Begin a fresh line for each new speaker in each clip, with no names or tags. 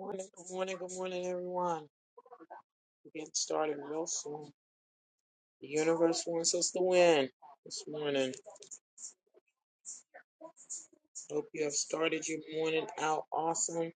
Morning, good morning, good morning, everyone. We're getting started real soon. The universe wants us to win this morning. Hope you have started your morning out awesome.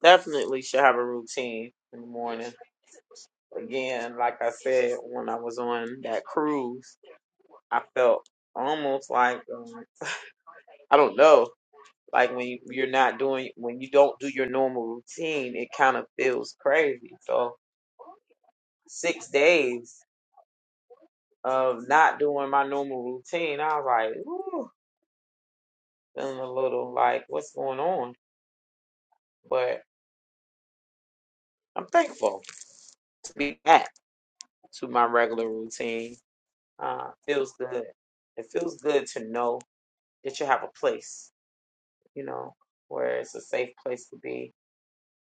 Definitely should have a routine in the morning. Again, like I said, when I was on that cruise, I felt almost like, um, I don't know, like when you- you're not doing, when you don't do your normal routine, it kind of feels crazy. So, six days. of not doing my normal routine, I was like, ooh, feeling a little like, what's going on? But I'm thankful to be back to my regular routine. Uh, feels good. It feels good to know that you have a place, you know, where it's a safe place to be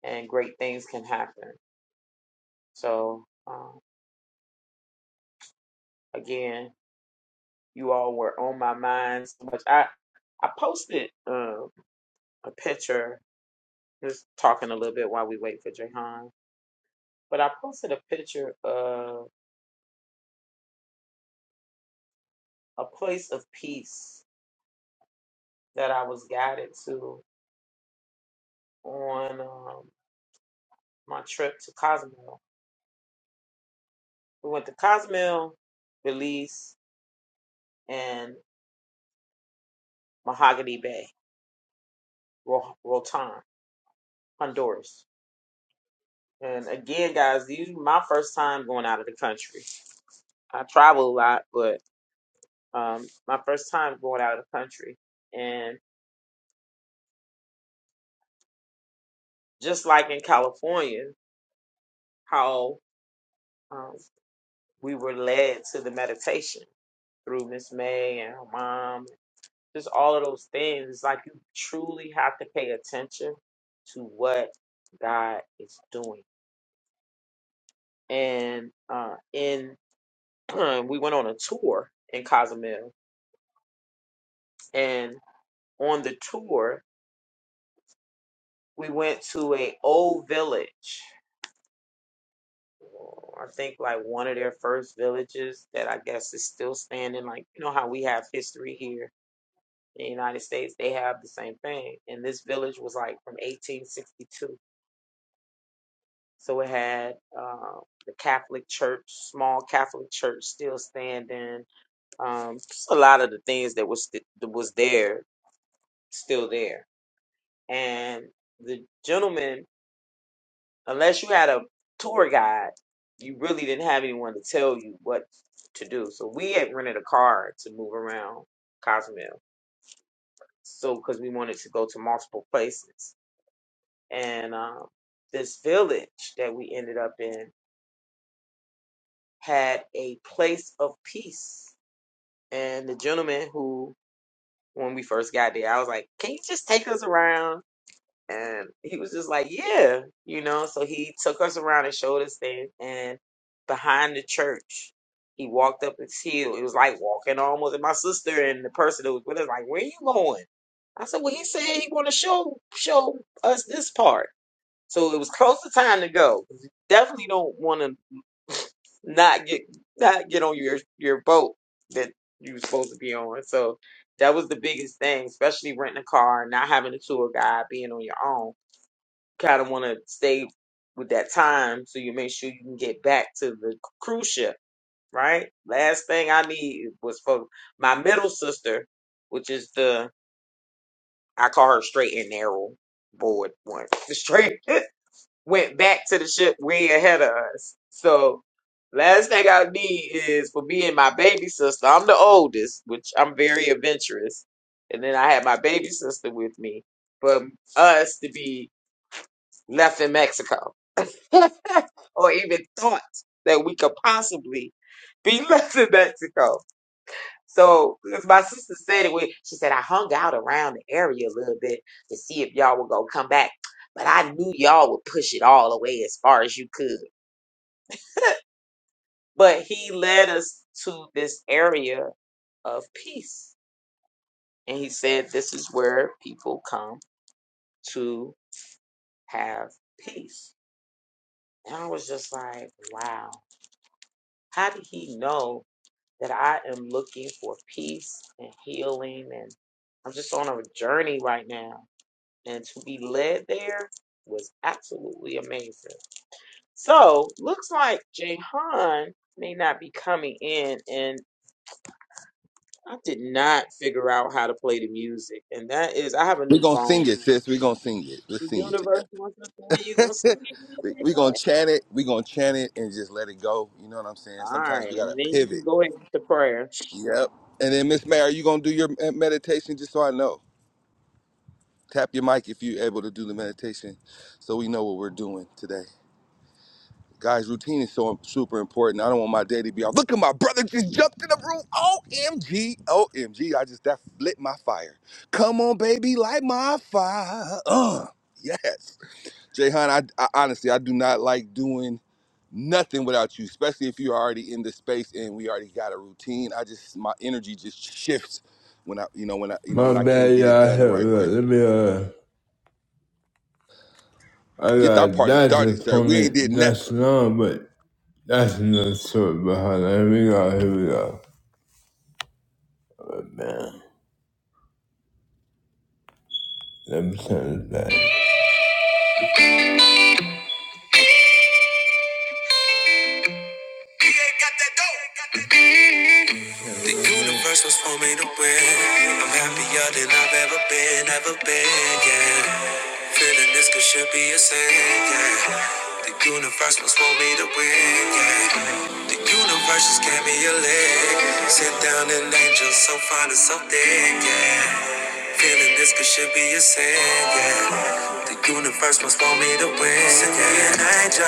and great things can happen. So, um, again, you all were on my mind so much. I, I posted um a picture, just talking a little bit while we wait for Jahan But I posted a picture of a place of peace that I was guided to on um, my trip to Cozumel. We went to Cozumel, Belize, and Mahogany Bay, Ro- Rotan, Honduras. And again, guys, these are my first time going out of the country. I travel a lot, but um, my first time going out of the country. And just like in California, how um, we were led to the meditation through Miss May and her mom, just all of those things. Like you truly have to pay attention to what God is doing. And uh, in we went on a tour in Cozumel, and on the tour we went to a old village. I think like one of their first villages that I guess is still standing. Like you know how we have history here in the United States, they have the same thing. And this village was like from 1862. So it had um, the Catholic Church, small Catholic Church still standing. Um, just a lot of the things that was st- that was there still there. And the gentleman, unless you had a tour guide, you really didn't have anyone to tell you what to do. So we had rented a car to move around Cozumel, so because we wanted to go to multiple places. And um, this village that we ended up in had a place of peace And the gentleman who, when we first got there, I was like, "Can you just take us around?" And he was just like, "Yeah," you know. So he took us around and showed us things. And behind the church, he walked up this hill. It was like walking almost. And my sister and the person that was with us like, "Where you going?" I said, "Well, he said he want to show show us this part." So it was close to time to go. 'cause you Definitely don't want to not get not get on your your boat that you were supposed to be on. So that was the biggest thing, especially renting a car, not having a tour guide, being on your own. Kind of want to stay with that time so you make sure you can get back to the cruise ship, right? Last thing I need was for my middle sister, which is the I call her straight and narrow board one, the straight went back to the ship way ahead of us. So last thing I need is for me and my baby sister. I'm the oldest, which I'm very adventurous. And then I had my baby sister with me for us to be left in Mexico or even thought that we could possibly be left in Mexico. So, because my sister said it, we, she said, I hung out around the area a little bit to see if y'all were going to come back. But I knew y'all would push it all away as far as you could. But he led us to this area of peace. And he said, This is where people come to have peace. And I was just like, Wow, how did he know that I am looking for peace and healing? And I'm just on a journey right now. and to be led there was absolutely amazing. So looks like Jahan may not be coming in, and I did not figure out how to play the music, and that is I have a new phone. The universe wants us to when you gonna see it. Go ahead. All right, and then you can go ahead to prayer.
My bad, y'all. Help Let me, uh, I got a doctor appointment not so long, but that's another story behind that. Here we go. Here we go. Oh, man. Let me turn this back. The universe was for me to win. I'm happier than I've ever been, ever been, yeah. Feeling this could should be a sin, yeah. The universe must want me to win, yeah. The universe just gave me a leg. Sit down an angel so fine and so thick, yeah. Feeling this could should be a sin, yeah. The universe must want me to win, Send me an angel.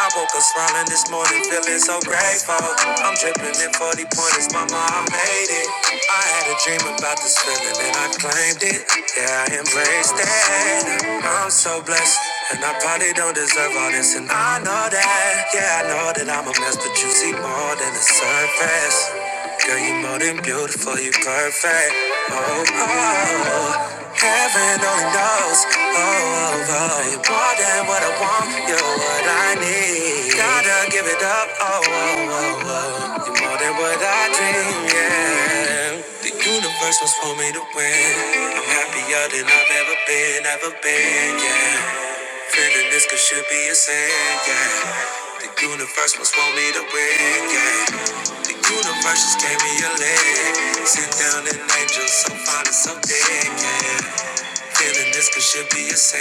I woke up smiling this morning, feeling so grateful. I'm dripping in 40 pointers, mama, I made it. I had a dream about this feeling and I claimed it. Yeah, I embraced it. I'm so blessed. And I probably don't deserve all this, and I know that. Yeah, I know that I'm a mess, but you see more than the surface. Girl, you more than beautiful, you perfect. Oh, oh, oh. heaven only knows. Oh, oh, oh, you more than what I want, you're what I need. Gotta give it up. Oh, oh, oh, oh, you're more than what I dream. Yeah, the universe was for me to win. I'm happier than I've ever been, ever been. Yeah. Feeling this could should be a sin, yeah. The universe must want me to win, yeah. The universe just gave me a leg. Sit down an angel so fine and so dead, yeah. Feeling this could should be a sin,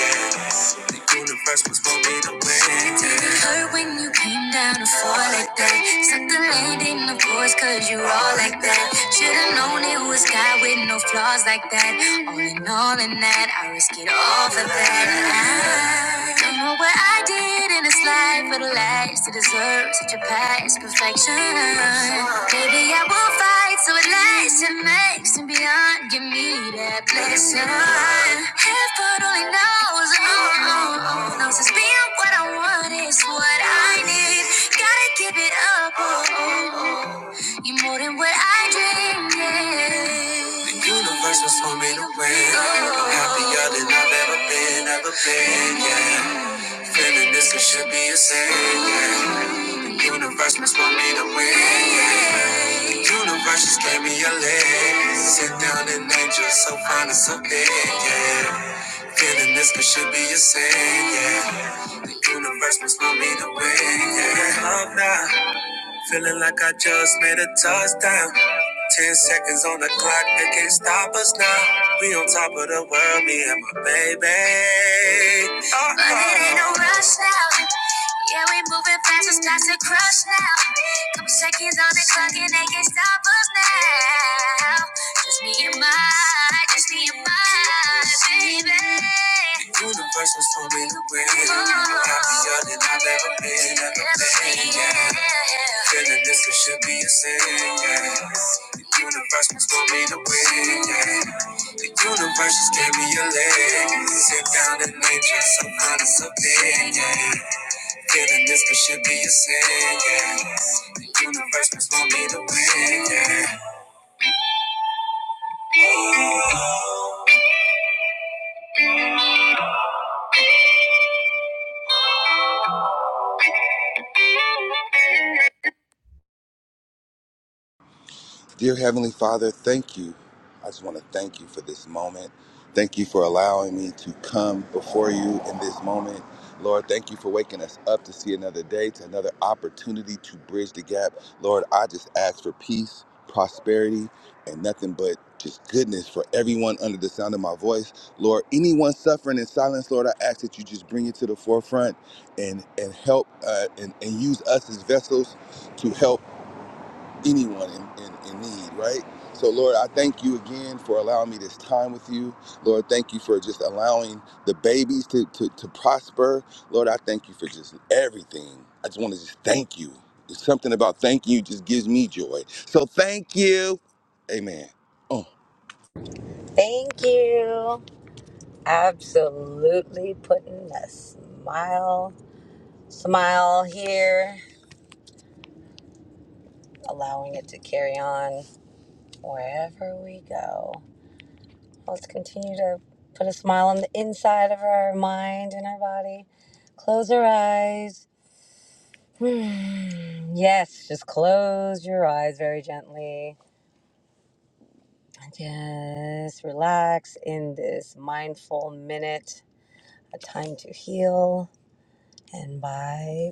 yeah. The universe was for me to win, yeah. Did it hurt when you came down to fall like that? Suck the landing, of course, cause you're all like that. Should've known it was God with no flaws like that. All in all, in that, I risk it all for that. I don't know what I did in this life for the last to deserve such a past perfection. Maybe I will fight so it lasts and makes and beyond. Give me that blessing. Heaven only knows, oh, oh, oh, knows it's being what I want is what I need. Gotta give it up, oh, oh, oh. you more than what I dreamed. Yeah. The universe was for me to win. I'm happier than I've ever been, ever been, yeah. Feeling this it should be a sin. yeah. Universe must want me to win. yeah. Universe just gave me a leg. Sit down and angel, so fine and so big. Yeah. Feeling this it should be a sin. Yeah. The universe must want me to win. Yeah. Love now. Feeling like I just made a touchdown. Ten seconds on the clock, they can't stop us now. We on top of the world, me and my baby. Uh-oh. But it ain't no rush now. Yeah, we moving fast, it's not to crush now. Couple seconds on the clock and they can't stop us now. Just me and my, just me and my baby. Universe was so me to win. I'm Happier than I've ever been, ever been. Yeah. Feeling this it should be a sin. Yeah. The universe was for me to win. Yeah. The universe just gave me a leg. Sit down and nature, some kind of something. Yeah. Feeling this could should be a sin. Yeah. The universe was for me to win. Yeah.
Thank you. Absolutely putting a smile, smile here, allowing it to carry on wherever we go. Let's continue to put a smile on the inside of our mind and our body. Close our eyes. Hmm. Yes, just close your eyes very gently. Just relax in this mindful minute, a time to heal. And by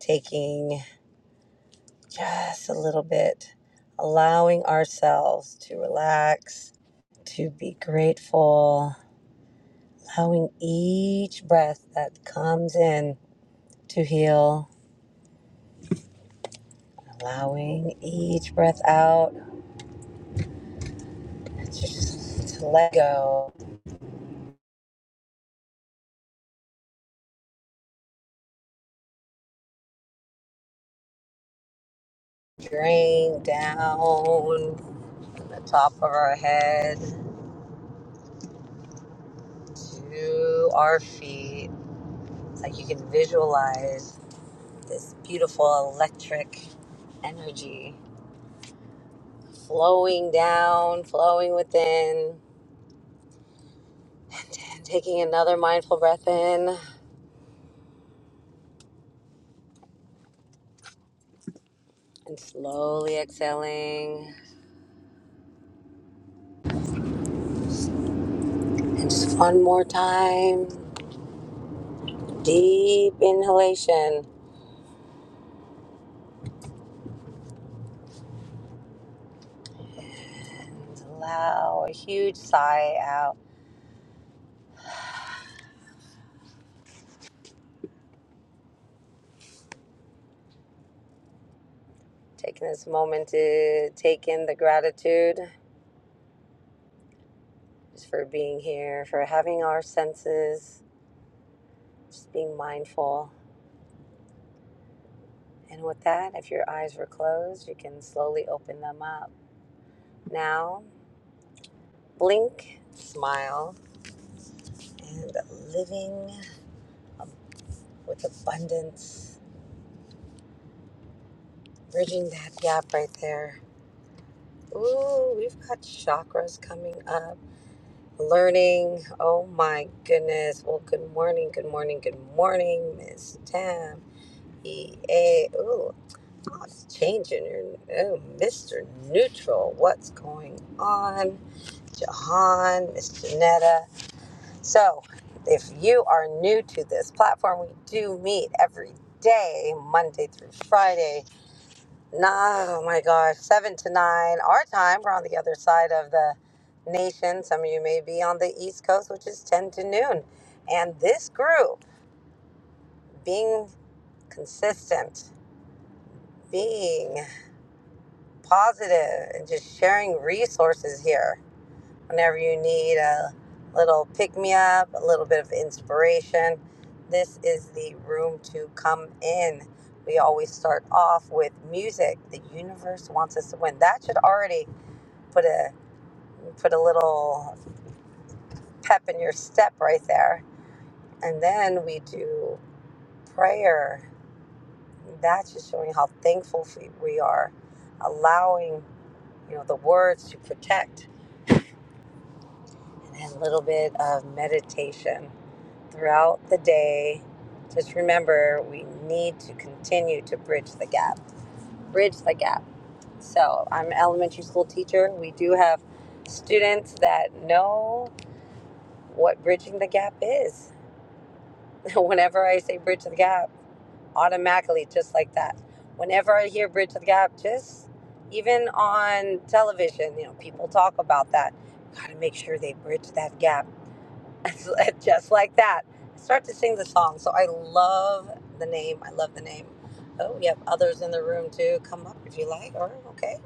taking Just a little bit. Allowing ourselves to relax, to be grateful, allowing each breath that comes in to heal, allowing each breath out just to let go, drain down from the top of our head to our feet. It's like you can visualize this beautiful electric energy flowing down, flowing within, and then taking another mindful breath in and slowly exhaling. And just one more time, deep inhalation, and allow a huge sigh out. Taking this moment to take in the gratitude just for being here, for having our senses, just being mindful. And with that, if your eyes were closed, you can slowly open them up. Now, blink, smile and living um, with abundance, bridging that gap right there. Ooh, we've got chakras coming up. Learning. Oh my goodness. Well, good morning, good morning, good morning, Miss Tam. EA. Ooh, lots changing. Your oh, Mr. Neutral. What's going on? Jahan, Miss Janetta. So, if you are new to this platform, we do meet every day, Monday through Friday. Nah, oh my gosh, seven to nine our time. We're on the other side of the nation. Some of you may be on the East Coast, which is 10 to noon. And this group, being consistent, being positive, and just sharing resources here whenever you need a little pick me up, a little bit of inspiration, this is the room to come in. We always start off with music. The universe wants us to win. That should already put a put a little pep in your step right there. And then we do prayer. That's just showing how thankful we we are, allowing you know the words to protect, and then a little bit of meditation throughout the day. Just remember, we need to continue to bridge the gap. Bridge the gap. So, I'm an elementary school teacher. We do have students that know what bridging the gap is. Whenever I say bridge the gap, automatically, just like that. Whenever I hear bridge the gap, just even on television, you know, people talk about that. Got to make sure they bridge that gap just like that. I Start to sing the song. So I love the name. I love the name. Oh, we have others in the room too. Come up if you like. Or okay.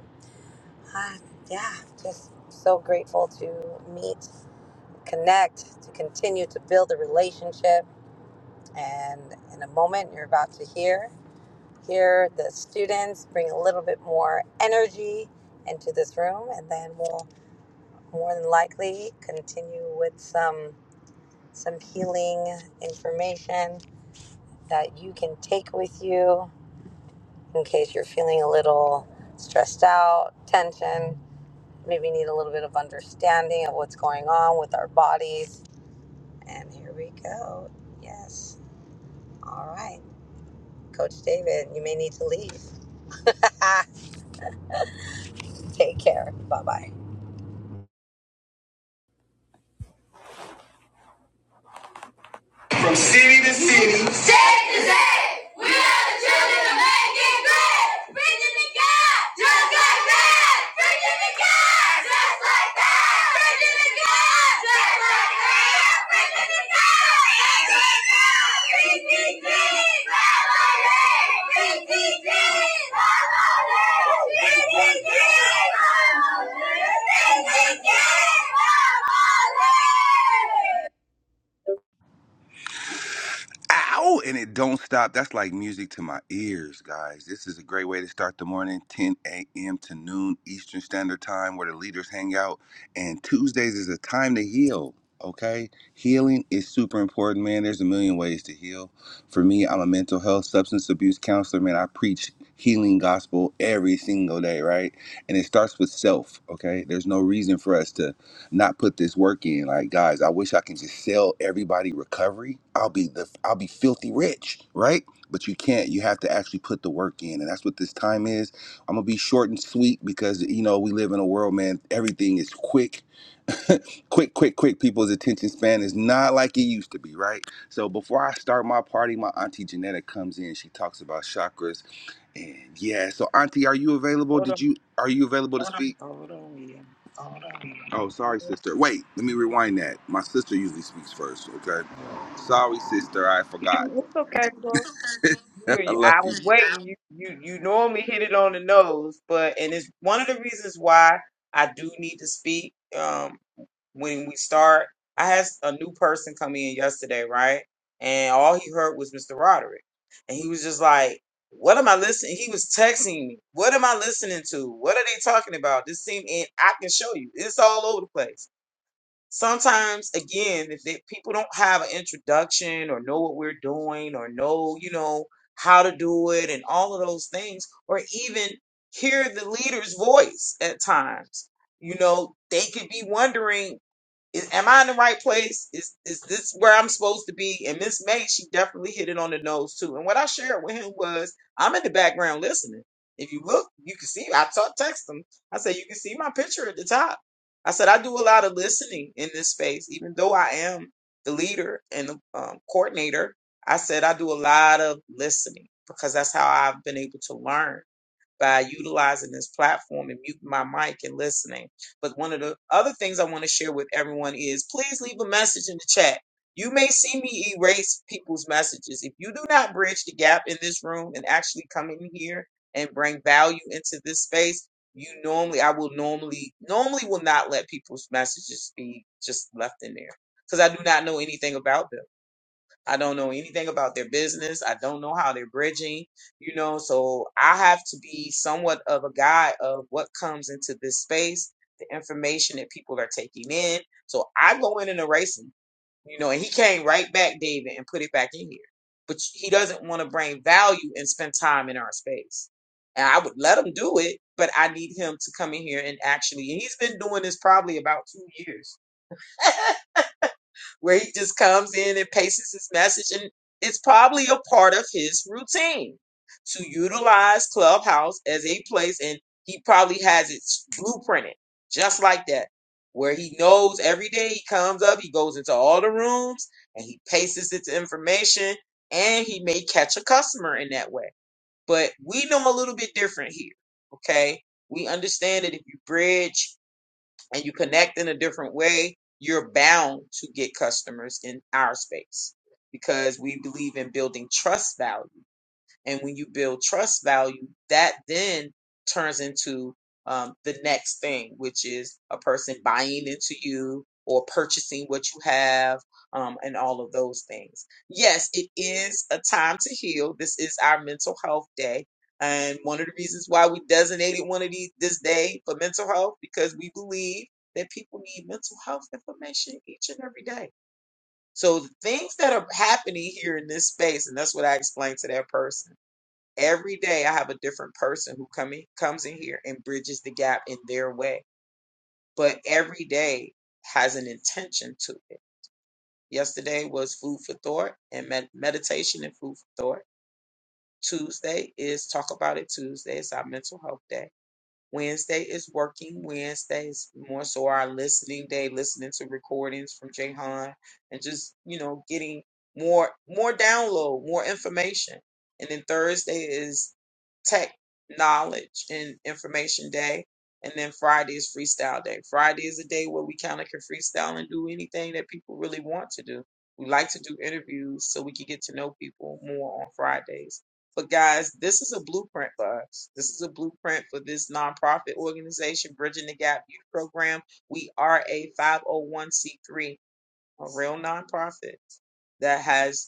Uh, yeah, just so grateful to meet, connect, to continue to build a relationship. And in a moment, you're about to hear hear the students bring a little bit more energy into this room, and then we'll more than likely continue with some some healing information that you can take with you in case you're feeling a little stressed out, tension, maybe need a little bit of understanding of what's going on with our bodies. And here we go. Yes. All right. Coach David, you may need to leave. take care. Bye bye.
From city to city. State to state. We are the children of making good. Bridging the gap. Just like that. Bridging the gap. Just like that. Bridging the gap. Just like that. Bridging the gap. Just like that. BTG. Family. BTG. Family. BTG. Family. BTG. Family.
Hold on, hold on, yeah. It's okay, bro. I was waiting. You, you, you normally hit it on the nose, but and it's one of the reasons why I do need to speak. Um, when we start, I had a new person come in yesterday, right? And all he heard was Mr. Roderick, and he was just like, "What am I listening?" He was texting me, "What am I listening to? What are they talking about?" This seem and I can show you. It's all over the place sometimes again if they, people don't have an introduction or know what we're doing or know you know how to do it and all of those things or even hear the leader's voice at times you know they could be wondering is, am I in the right place? Is is this where I'm supposed to be? And Miss May, she definitely hit it on the nose too. And what I shared with him was, I'm in the background listening. If you look, you can see. I talk, text him. I said, you can see my picture at the top. I said, I do a lot of listening in this space, even though I am the leader and the um, coordinator. I said, I do a lot of listening because that's how I've been able to learn by utilizing this platform and muting my mic and listening. But one of the other things I want to share with everyone is please leave a message in the chat. You may see me erase people's messages. If you do not bridge the gap in this room and actually come in here and bring value into this space, you normally, I will normally, normally will not let people's messages be just left in there because I do not know anything about them. I don't know anything about their business. I don't know how they're bridging, you know. So I have to be somewhat of a guide of what comes into this space, the information that people are taking in. So I go in and erase them, you know, and he came right back, David, and put it back in here. But he doesn't want to bring value and spend time in our space. And I would let him do it, but I need him to come in here and actually, and he's been doing this probably about two years where he just comes in and paces his message. And it's probably a part of his routine to utilize Clubhouse as a place. And he probably has it blueprinted just like that, where he knows every day he comes up, he goes into all the rooms and he paces its information and he may catch a customer in that way. But we know a little bit different here. Okay. We understand that if you bridge and you connect in a different way, you're bound to get customers in our space because we believe in building trust value and when you build trust value, that then turns into um, the next thing, which is a person buying into you or purchasing what you have um, and all of those things. Yes, it is a time to heal. This is our mental health day. And one of the reasons why we designated one of these this day for mental health, because we believe that people need mental health information each and every day. So the things that are happening here in this space, and that's what I explained to that person every day I have a different person who come in, comes in here and bridges the gap in their way. But every day has an intention to it. Yesterday was food for thought and med- meditation and food for thought. Tuesday is talk about it Tuesday. It's our mental health day Wednesday is working. Wednesday is more so our listening day, listening to recordings from Jahan and just, you know, getting more more download, more information. And then Thursday is tech knowledge and information day. And then Friday is freestyle day. Friday is a day where we kind of can freestyle and do anything that people really want to do. We like to do interviews so we can get to know people more on Fridays but guys, this is a blueprint for us. This is a blueprint for this nonprofit organization, Bridging the Gap Youth Program. We are a 501c3, a real nonprofit that has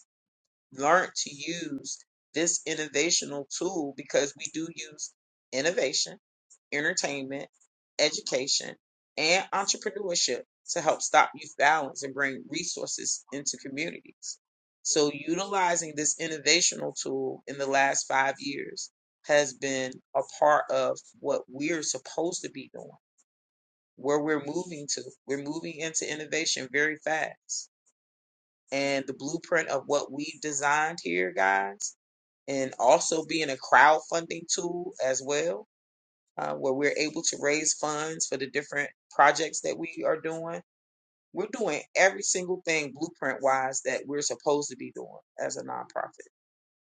learned to use this innovational tool because we do use innovation, entertainment, education, and entrepreneurship to help stop youth violence and bring resources into communities. So, utilizing this innovational tool in the last five years has been a part of what we're supposed to be doing, where we're moving to. We're moving into innovation very fast and the blueprint of what we've designed here, guys and also being a crowdfunding tool as well, uh, where we're able to raise funds for the different projects that we are doing. We're doing every single thing blueprint wise that we're supposed to be doing as a nonprofit.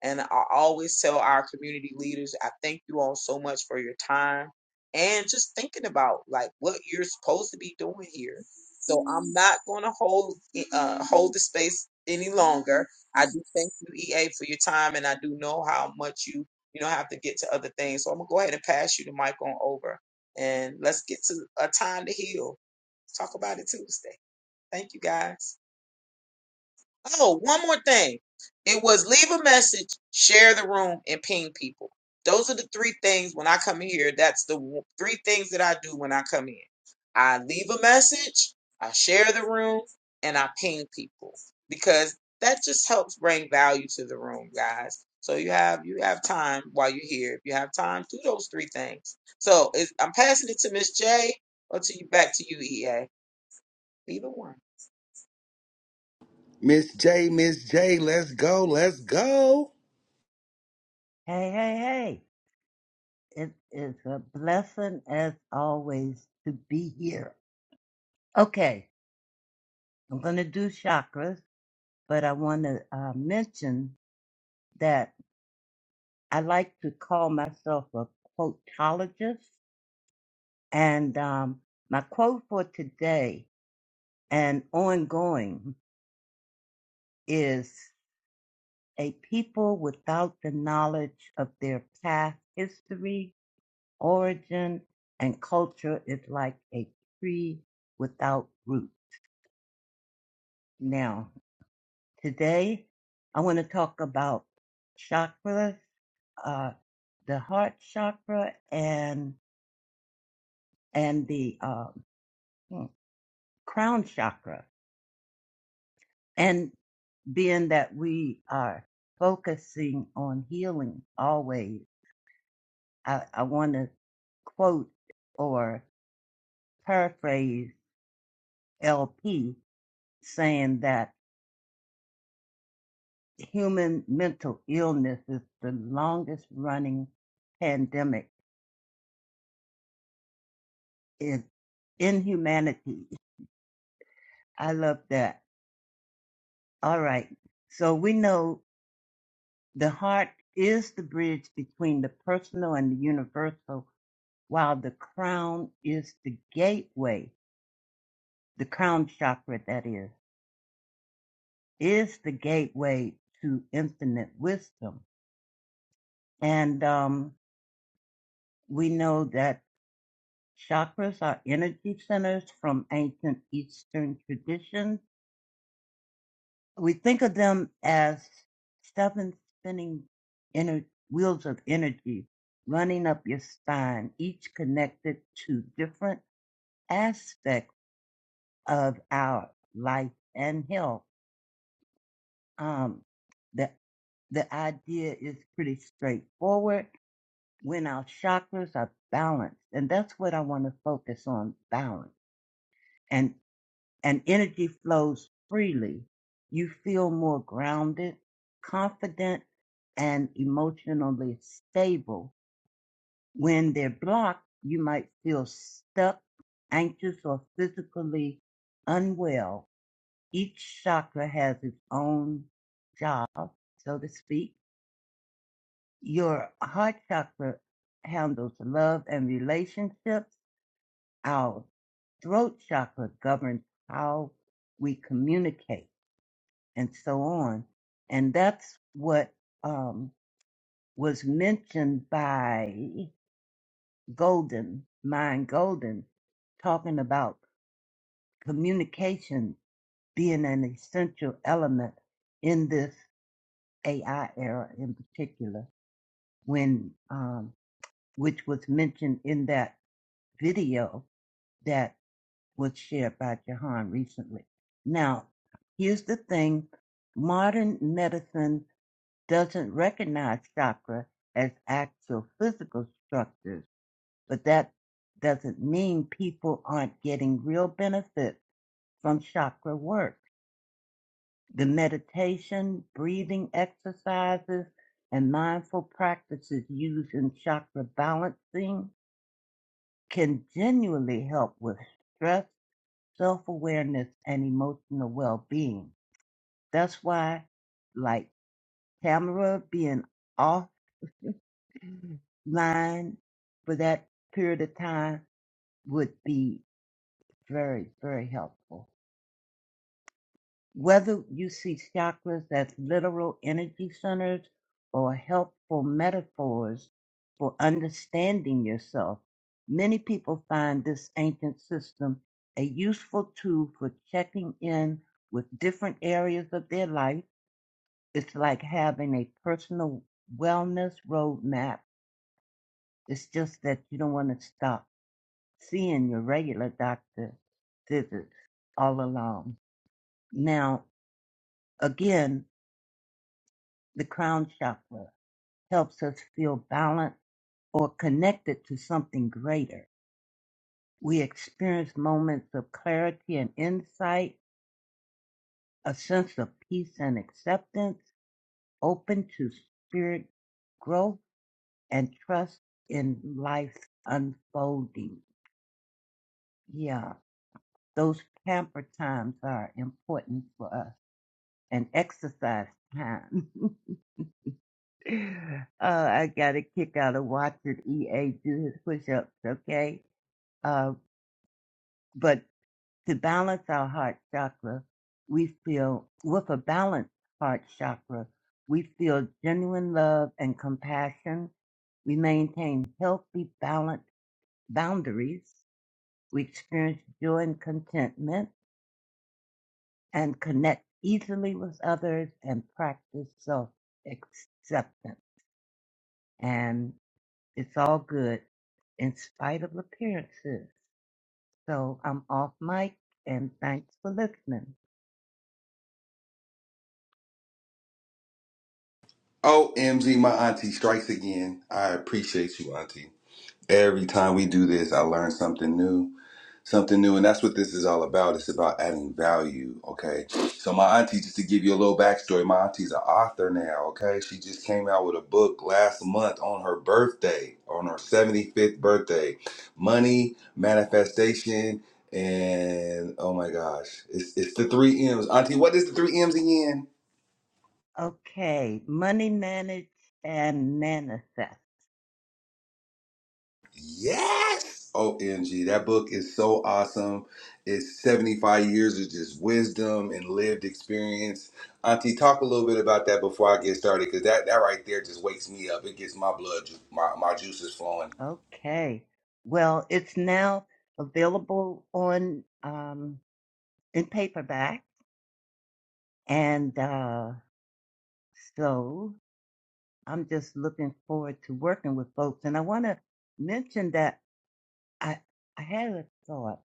And I always tell our community leaders, I thank you all so much for your time and just thinking about like what you're supposed to be doing here. So I'm not going to hold eh, uh, hold the space any longer. I do thank you, EA, for your time, and I do know how much you you know have to get to other things. So I'm gonna go ahead and pass you the mic on over, and let's get to a time to heal. Let's talk about it Tuesday. Thank you, guys. Oh, one more thing. It was leave a message, share the room, and ping people. Those are the three things when I come in here. That's the w- three things that I do when I come in. I leave a message, I share the room, and I ping people because that just helps bring value to the room, guys. So you have you have time while you're here. If you have time, do those three things. So it's, I'm passing it to Miss J or to you back to you, EA. Either one.
Hey, hey, hey. It is a blessing as always to be here. Okay, I'm going to do chakras, but I want to uh, mention that I like to call myself a quotologist. And um, my quote for today and ongoing is a people without the knowledge of their past history, origin, and culture is like a tree without roots. Now, today I want to talk about chakras, uh, the heart chakra and and the um, hmm, crown chakra. And being that we are focusing on healing always, I, I want to quote or paraphrase LP saying that human mental illness is the longest running pandemic is inhumanity. I love that. All right. So we know the heart is the bridge between the personal and the universal, while the crown is the gateway, the crown chakra, that is, is the gateway to infinite wisdom. And um, we know that chakras are energy centers from ancient Eastern traditions we think of them as seven spinning ener- wheels of energy running up your spine, each connected to different aspects of our life and health. Um, the, the idea is pretty straightforward when our chakras are balanced. And that's what I want to focus on balance. and. and energy flows freely. You feel more grounded, confident, and emotionally stable. When they're blocked, you might feel stuck, anxious, or physically unwell. Each chakra has its own job, so to speak. Your heart chakra handles love and relationships. Our throat chakra governs how we communicate and so on. And that's what um, was mentioned by Golden, Mind Golden, talking about communication being an essential element in this AI era in particular, when um, which was mentioned in that video that was shared by Jahan recently. Now, here's the thing modern medicine doesn't recognize chakra as actual physical structures, but that doesn't mean people aren't getting real benefit from chakra work. The meditation, breathing exercises, and mindful practices used in chakra balancing can genuinely help with stress, self-awareness, and emotional well-being. That's why, like Tamara being off line for that period of time would be very, very helpful. Whether you see chakras as literal energy centers or helpful metaphors for understanding yourself, many people find this ancient system a useful tool for checking in with different areas of their life. It's like having a personal wellness roadmap. It's just that you don't want to stop seeing your regular doctor visits all along. Now, again, the crown chakra helps us feel balanced or connected to something greater. We experience moments of clarity and insight, a sense of peace and acceptance, open to spirit growth and trust in life unfolding. Yeah, those pamper times are important for us. and exercise time. uh, I got a kick out of watching EA do his push ups, okay? Uh, but to balance our heart chakra, we feel, with a balanced heart chakra, we feel genuine love and compassion. We maintain healthy, balanced boundaries. We experience joy and contentment and connect easily with others and practice self acceptance. and It's all good in spite of appearances. So I'm off mic and thanks for listening. Okay, money managed and manifest. Okay, well, it's now available on um, in paperback, and uh, so I'm just looking forward to working with folks. And I want to mention that I I had a thought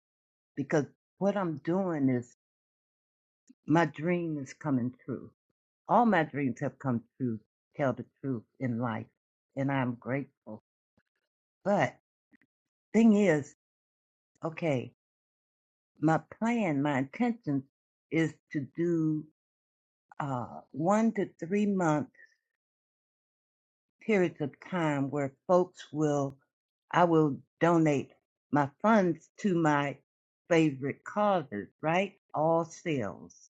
because what I'm doing is my dream is coming true All my dreams have come true, tell the truth in life, and I'm grateful. But thing is, okay, my plan, my intention is to do uh, one to three month periods of time where folks will, I will donate my funds to my favorite causes, right? All sales.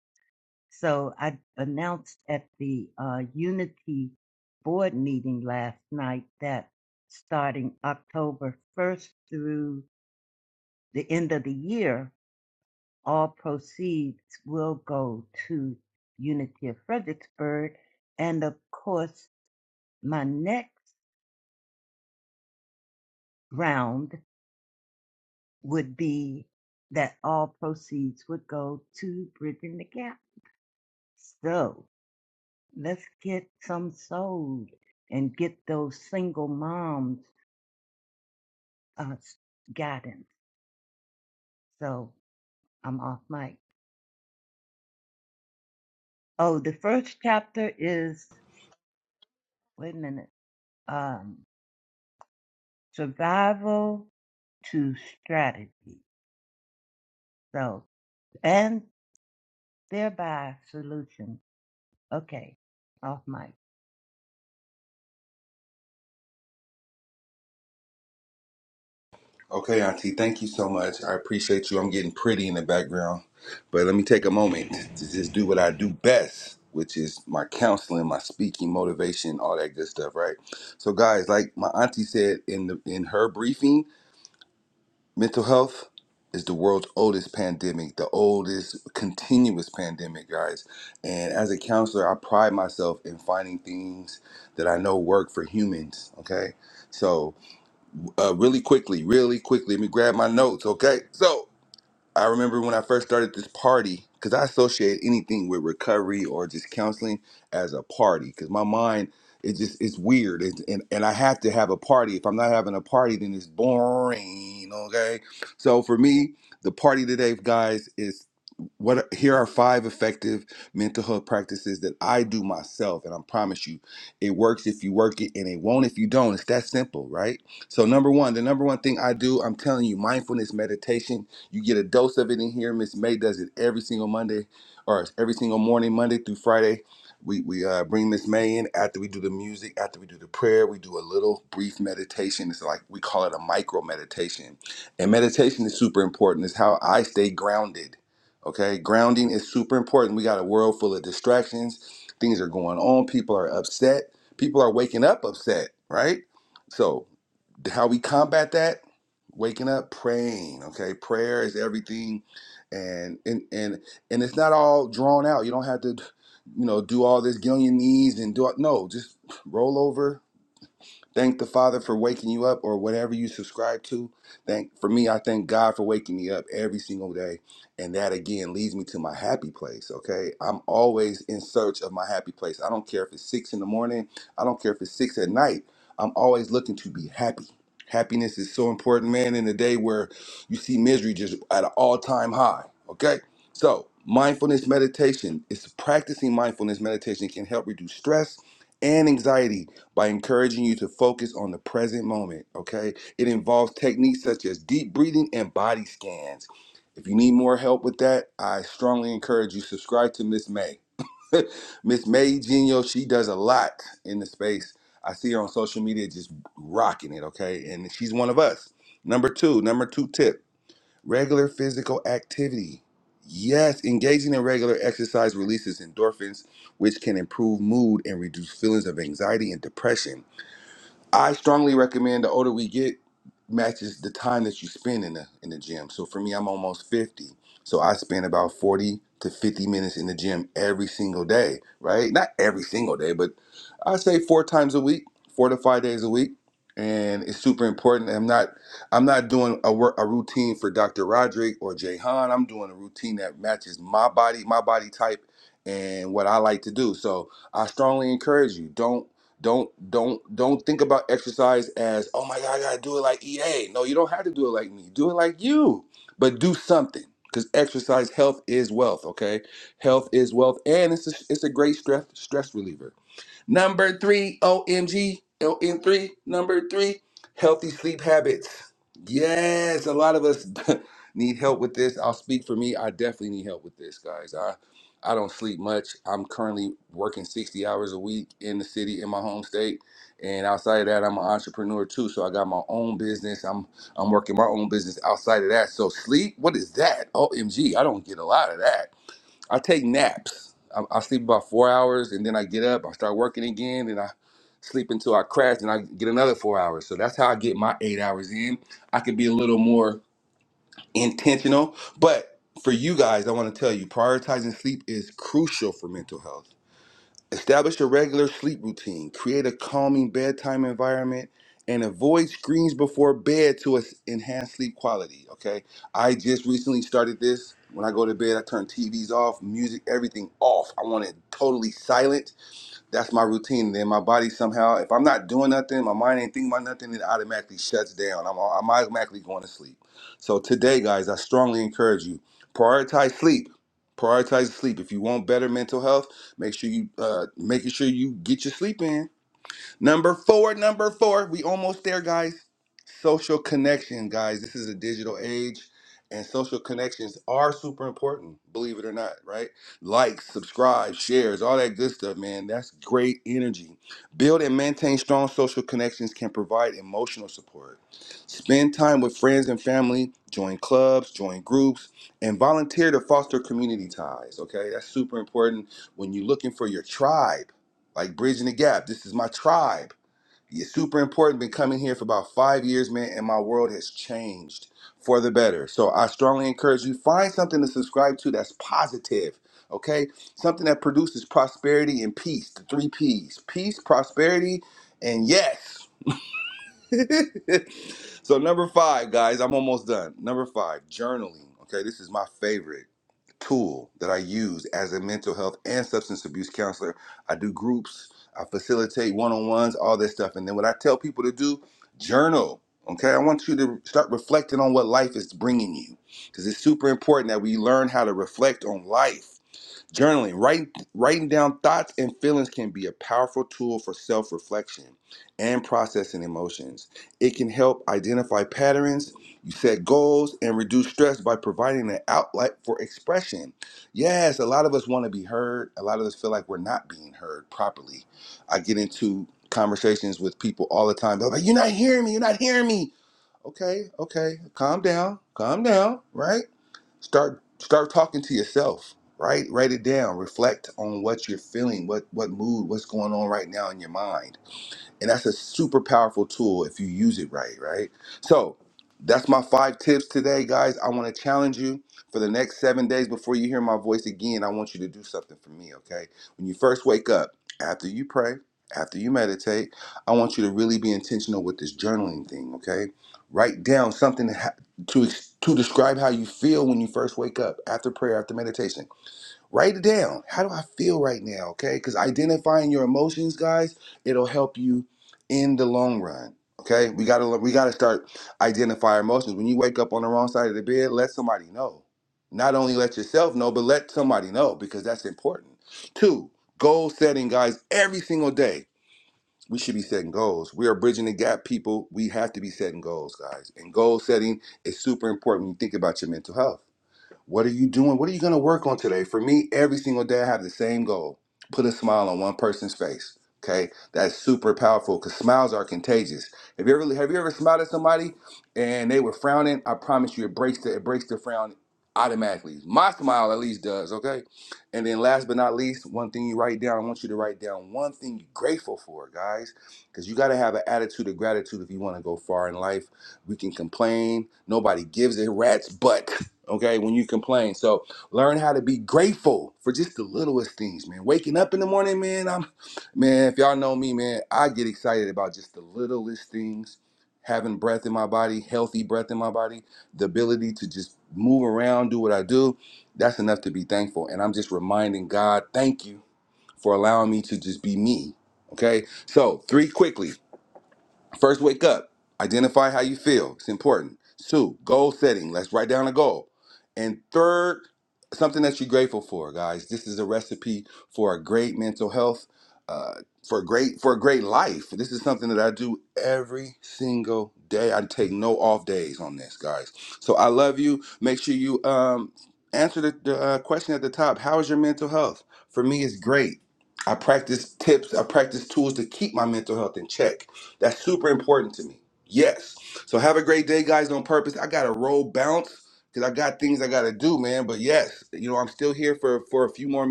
So I announced at the uh, Unity board meeting last night that starting October 1st through the end of the year, all proceeds will go to Unity of Fredericksburg. And of course, my next round would be that all proceeds would go to Bridging the Gap. So Let's get some sold and get those single moms uh, guidance. So I'm off mic. Oh, the first chapter is, wait a minute, um, survival to strategy. So, and thereby solution. Okay, off mic.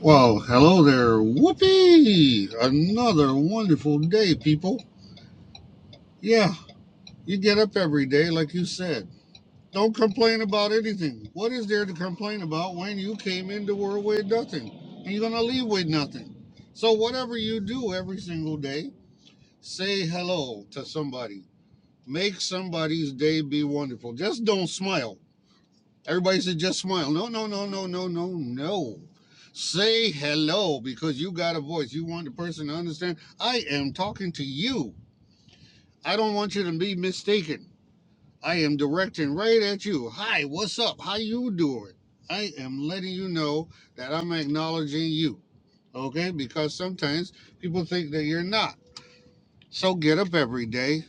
Well, hello there. Whoopee! Another wonderful day, people. Yeah, you get up every day, like you said. Don't complain about anything. What is there to complain about when you came into the world with nothing? And you're going to leave with nothing. So, whatever you do every single day, say hello to somebody. Make somebody's day be wonderful. Just don't smile. Everybody should just smile. No, no, no, no, no, no, no. Say hello because you got a voice. You want the person to understand. I am talking to you. I don't want you to be mistaken. I am directing right at you. Hi, what's up? How you doing? I am letting you know that I'm acknowledging you. Okay? Because sometimes people think that you're not. So get up every day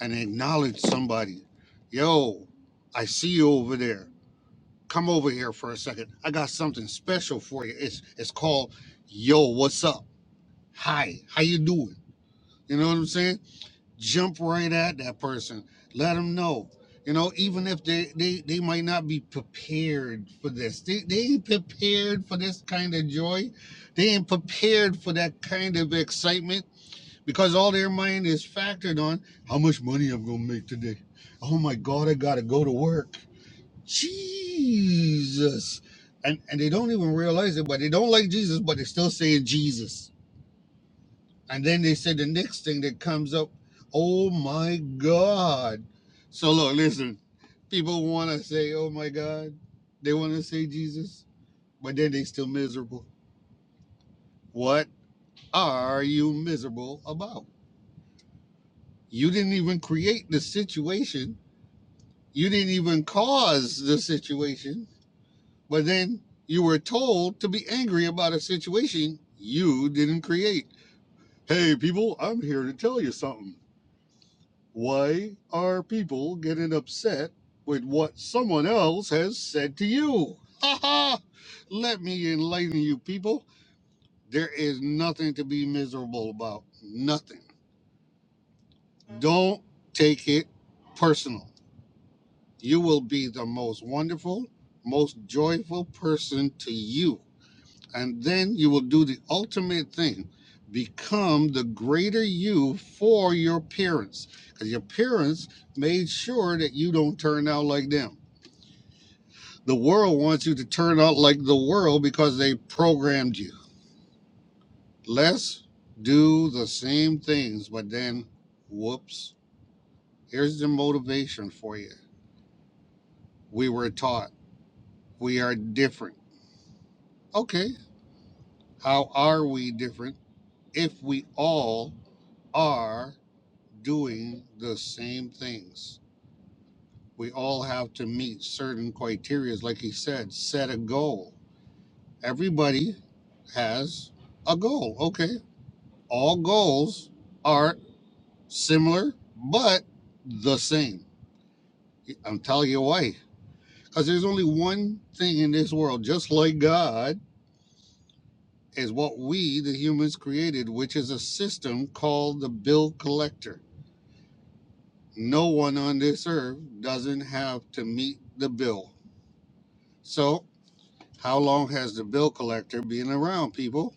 and acknowledge somebody. Yo, I see you over there come over here for a second. I got something special for you. It's it's called Yo, what's up? Hi, how you doing? You know what I'm saying? Jump right at that person. Let them know. You know, even if they they, they might not be prepared for this. They they ain't prepared for this kind of joy. They ain't prepared for that kind of excitement because all their mind is factored on how much money I'm gonna make today. Oh my god, I gotta go to work. Jesus. And and they don't even realize it, but they don't like Jesus, but they're still saying Jesus. And then they say the next thing that comes up, oh my God. So look, listen, people want to say, oh my God. They want to say Jesus, but then they still miserable. What are you miserable about? You didn't even create the situation. You didn't even cause the situation But then you were told to be angry about a situation you didn't create. Hey, people, I'm here to tell you something. Why are people getting upset with what someone else has said to you? Ha ha! Let me enlighten you, people. There is nothing to be miserable about. Nothing. Don't take it personal. You will be the most wonderful, most joyful person to you and then you will do the ultimate thing become the greater you for your parents because your parents made sure that you don't turn out like them the world wants you to turn out like the world because they programmed you let's do the same things but then whoops here's the motivation for you we were taught we are different okay how are we different if we all are doing the same things. We all have to meet certain criteria. like he said, set a goal. Everybody has a goal. Okay. All goals are similar, but the same. I'm telling you why. Because there's only one thing in this world, just like God, is what we, the humans, created, which is a system called the bill collector. No one on this earth doesn't have to meet the bill. So How long has the bill collector been around, people?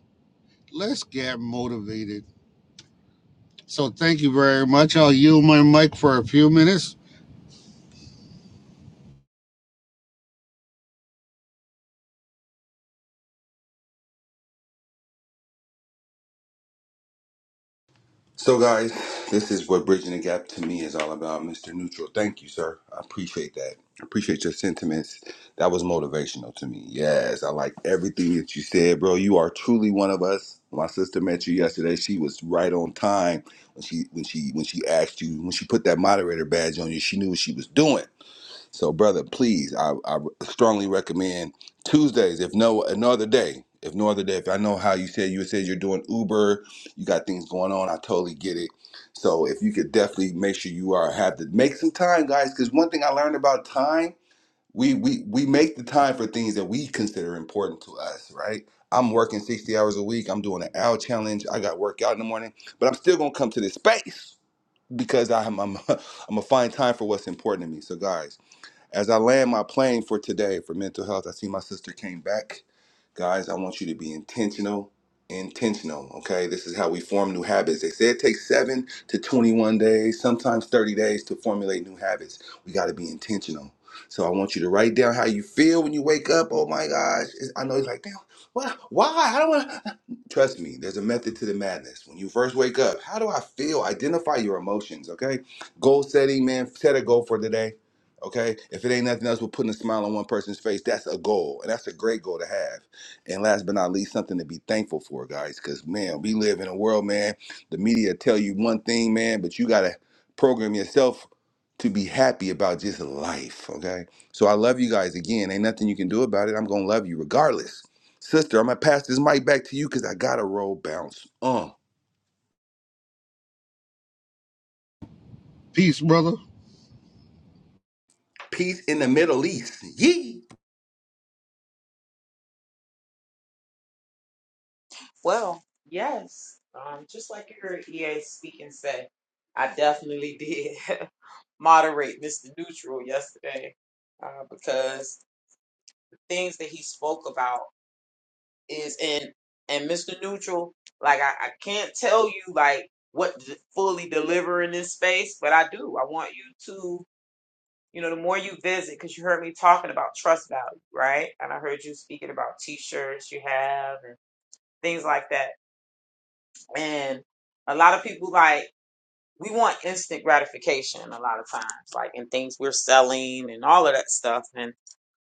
Let's get motivated. So thank you very much. I'll yield my mic for a few minutes. Peace, brother.
Well, yes. Um, just like you heard EA speak and say, I definitely did moderate Mr. Neutral yesterday uh, because the things that he spoke about is in, and Mr. Neutral, like, I, I can't tell you, like, what to fully deliver in this space, but I do. I want you to, you know, the more you visit, because you heard me talking about trust value, right? And I heard you speaking about t shirts you have and things like that. And a lot of people, like, we want instant gratification a lot of times, like in things we're selling and all of that stuff. And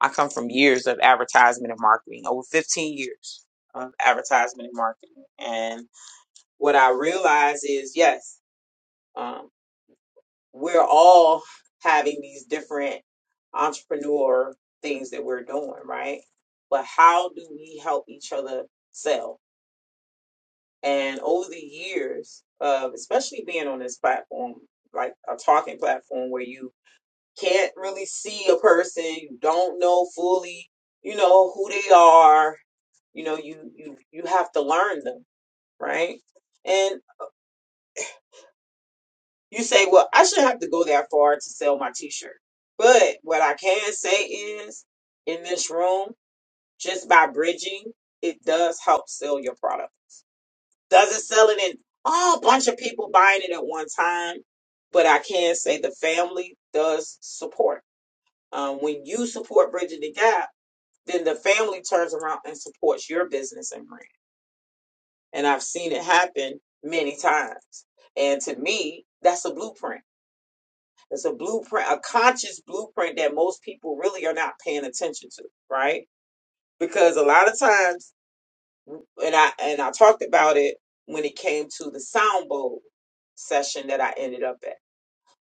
I come from years of advertisement and marketing, over 15 years of advertisement and marketing. And what I realize is, yes, um, we're all having these different entrepreneur things that we're doing, right? But how do we help each other sell? And over the years of especially being on this platform, like a talking platform where you can't really see a person, you don't know fully, you know, who they are, you know, you you you have to learn them, right? And you say, well, I shouldn't have to go that far to sell my t-shirt. But what I can say is in this room, just by bridging, it does help sell your product. Doesn't sell it in oh, a bunch of people buying it at one time, but I can say the family does support. Um, when you support Bridging the Gap, then the family turns around and supports your business and brand. And I've seen it happen many times. And to me, that's a blueprint. It's a blueprint, a conscious blueprint that most people really are not paying attention to, right? Because a lot of times, and I and I talked about it when it came to the sound bowl session that I ended up at.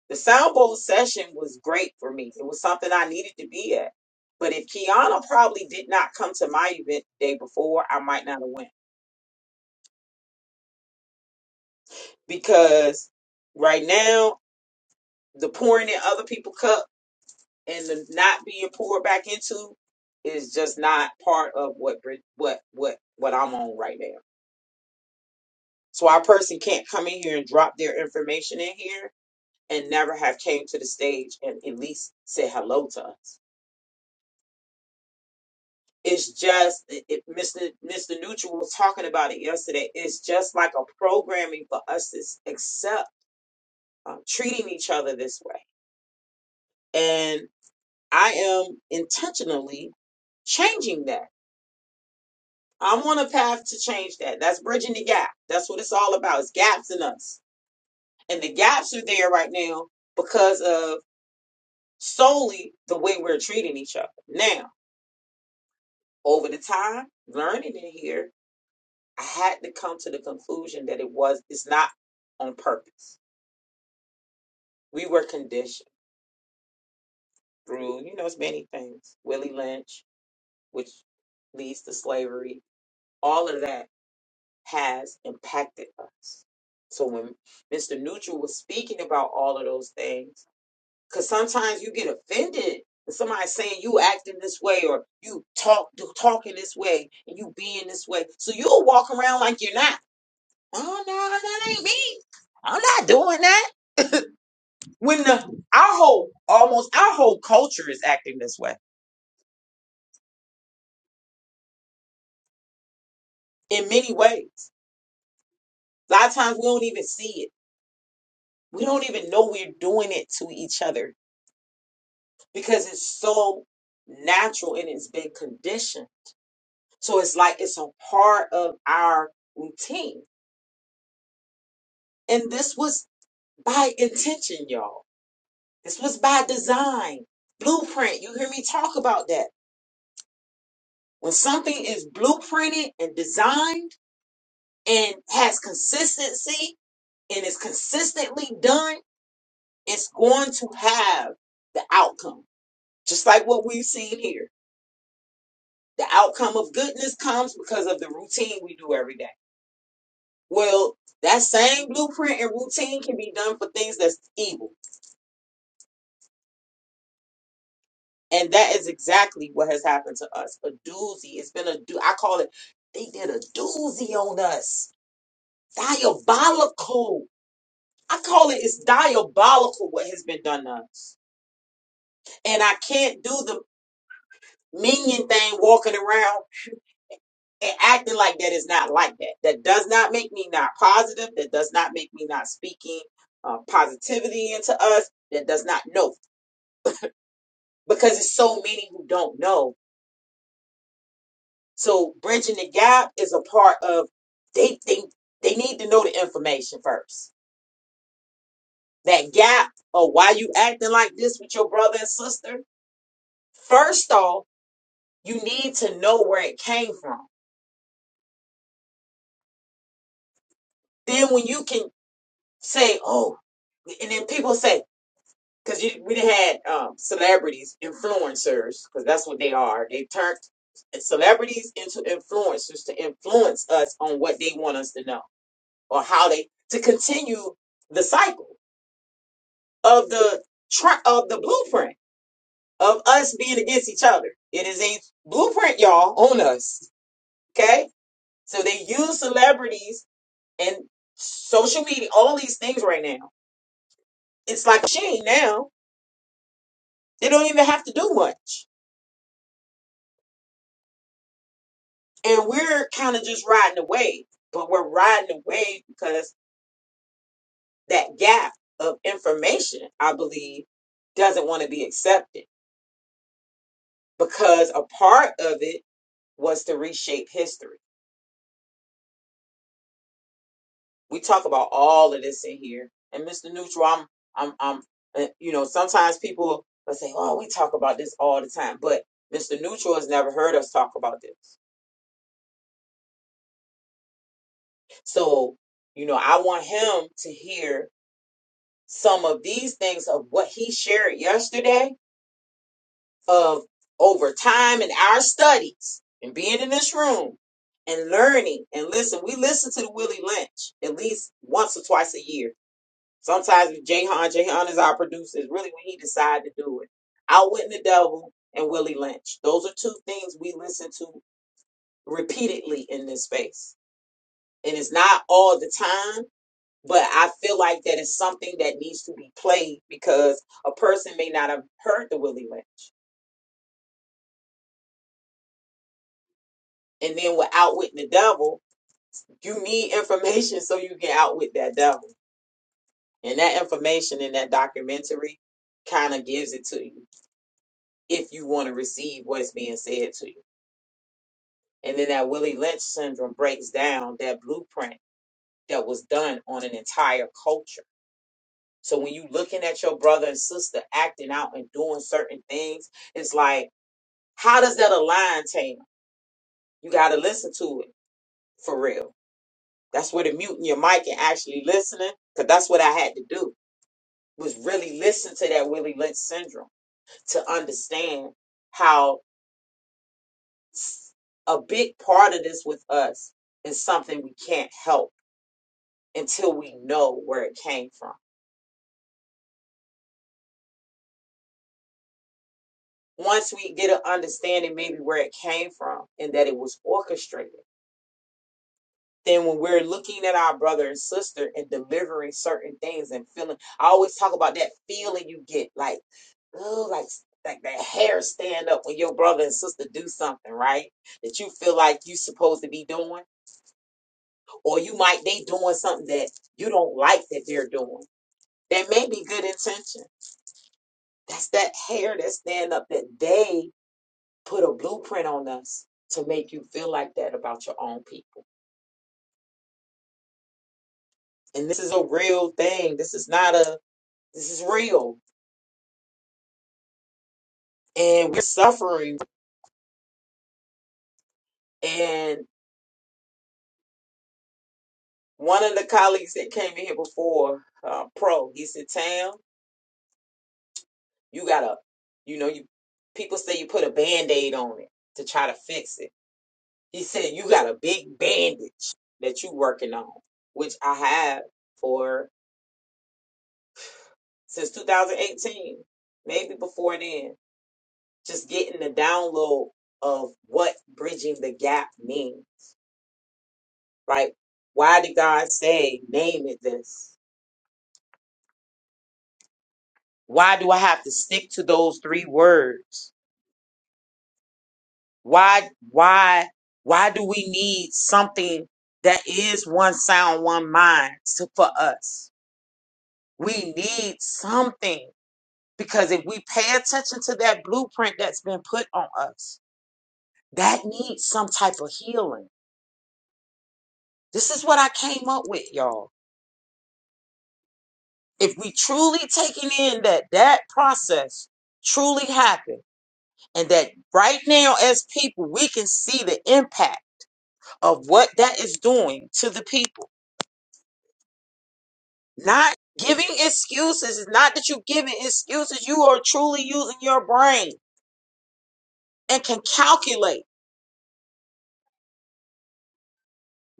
The sound bowl session was great for me. It was something I needed to be at. But if Kiana probably did not come to my event the day before, I might not have went because right now the pouring in other people's cup and the not being poured back into is just not part of what Brit- what what what I'm on right now. So our person can't come in here and drop their information in here and never have came to the stage and at least say hello to us. It's just it, it- Mr. Mr. Neutral was talking about it yesterday. It's just like a programming for us to s- accept um, treating each other this way and. I am intentionally changing that. I'm on a path to change that. That's bridging the gap. That's what it's all about. It's gaps in us. And the gaps are there right now because of solely the way we're treating each other. Now, over the time, learning in here, I had to come to the conclusion that it was it's not on purpose. We were conditioned through, you know, it's many things. Willie Lynch, which leads to slavery, all of that has impacted us. So when Mr. Neutral was speaking about all of those things, because sometimes you get offended when somebody's saying you acting this way or you talk talking this way and you being this way. So you'll walk around like you're not. Oh no, that ain't me. I'm not doing that. When the our whole almost our whole culture is acting this way in many ways. A lot of times we don't even see it. We don't even know we're doing it to each other because it's so natural and it's been conditioned. So it's like it's a part of our routine. And this was by intention, y'all. This was by design. Blueprint. You hear me talk about that. When something is blueprinted and designed and has consistency and is consistently done, it's going to have the outcome. Just like what we've seen here. The outcome of goodness comes because of the routine we do every day Well, that same blueprint and routine can be done for things that's evil. And that is exactly what has happened to us. A doozy. It's been a do I call it they did a doozy on us. Diabolical. I call it it's diabolical what has been done to us. And I can't do the minion thing walking around and acting like that is not like that. That does not make me not positive. That does not make me not speaking uh, positivity into us. That does not know. because it's so many who don't know. So bridging the gap is a part of they they they need to know the information first. That gap of why you acting like this with your brother and sister. First off, you need to know where it came from. Then when you can say, oh, and then people say, because we had um, celebrities, influencers, because that's what they are. They turned uh, celebrities into influencers to influence us on what they want us to know or how they to continue the cycle of the tra- of the blueprint of us being against each other. It is a blueprint, y'all, on us. Okay, so they use celebrities and social media, all these things right now. It's like a machine now. They don't even have to do much, and we're kind of just riding the wave. But we're riding the wave because that gap of information, I believe, doesn't want to be accepted because a part of it was to reshape history. We talk about all of this in here. And Mr. Neutral, I'm, I'm, I'm, uh, you know, sometimes people will say, oh, we talk about this all the time. But Mr. Neutral has never heard us talk about this. So, you know, I want him to hear some of these things of what he shared yesterday of over time in our studies and being in this room and learning and listen. We listen to the Willie Lynch at least once or twice a year Sometimes with Jahan, Jahan is our producer, is really when he decided to do it. Outwitting the Devil and Willie Lynch. Those are two things we listen to repeatedly in this space. And it's not all the time, but I feel like that is something that needs to be played because a person may not have heard the Willie Lynch. And then with Outwitting the Devil, you need information so you can outwit that devil. And that information in that documentary kind of gives it to you if you want to receive what's being said to you. And then that Willie Lynch syndrome breaks down that blueprint that was done on an entire culture. So when you looking at your brother and sister acting out and doing certain things, it's like, how does that align, Taylor? You got to listen to it for real. That's where the muting your mic and actually listening, because that's what I had to do was really listen to that Willie Lynch syndrome to understand how s- a big part of this with us is something we can't help until we know where it came from. Once we get an understanding, maybe where it came from and that it was orchestrated, then when we're looking at our brother and sister and delivering certain things and feeling, I always talk about that feeling you get like, oh, like, like that hair stand up when your brother and sister do something, right? That you feel like you supposed to be doing, or you might they doing something that you don't like that they're doing. That may be good intention. That's that hair that stand up that they put a blueprint on us to make you feel like that about your own people. And this is a real thing. This is not a, this is real. And we're suffering. And one of the colleagues that came in here before, uh, Pro, he said, Tam, you gotta, you know, you people say you put a band aid on it to try to fix it. He said, you got a big bandage that you working on, which I have for since 2018, maybe before then just getting the download of what bridging the gap means, right? Why did God say, name it this? Why do I have to stick to those three words? Why, why, why do we need something that is one sound, one mind to, for us? We need something because if we pay attention to that blueprint that's been put on us, that needs some type of healing. This is what I came up with, y'all if we truly taking in that that process truly happened and that right now as people we can see the impact of what that is doing to the people not giving excuses it's not that you giving excuses you are truly using your brain and can calculate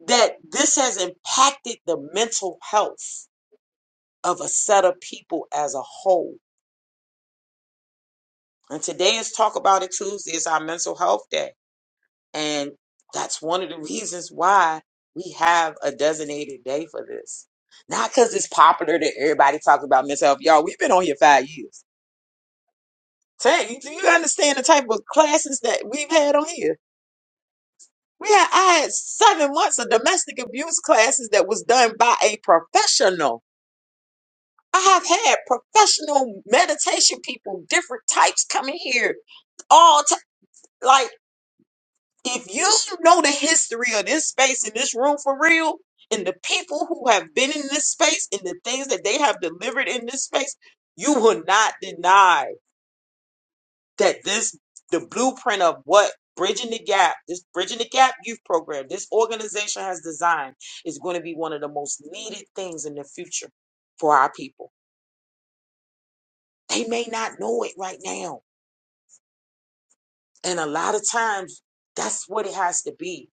that this has impacted the mental health of a set of people as a whole and today is talk about it tuesday is our mental health day And that's one of the reasons why we have a designated day for this. Not because it's popular that everybody talks about mental health. Y'all, we've been on here five years. Tell you, do you understand the type of classes that we've had on here? We had, I had seven months of domestic abuse classes that was done by a professional. I have had professional meditation people, different types coming here all time. If you know the history of this space in this room for real, and the people who have been in this space and the things that they have delivered in this space, you will not deny that this the blueprint of what Bridging the Gap, this Bridging the Gap youth program, this organization has designed is going to be one of the most needed things in the future for our people. They may not know it right now. And a lot of times that's what it has to be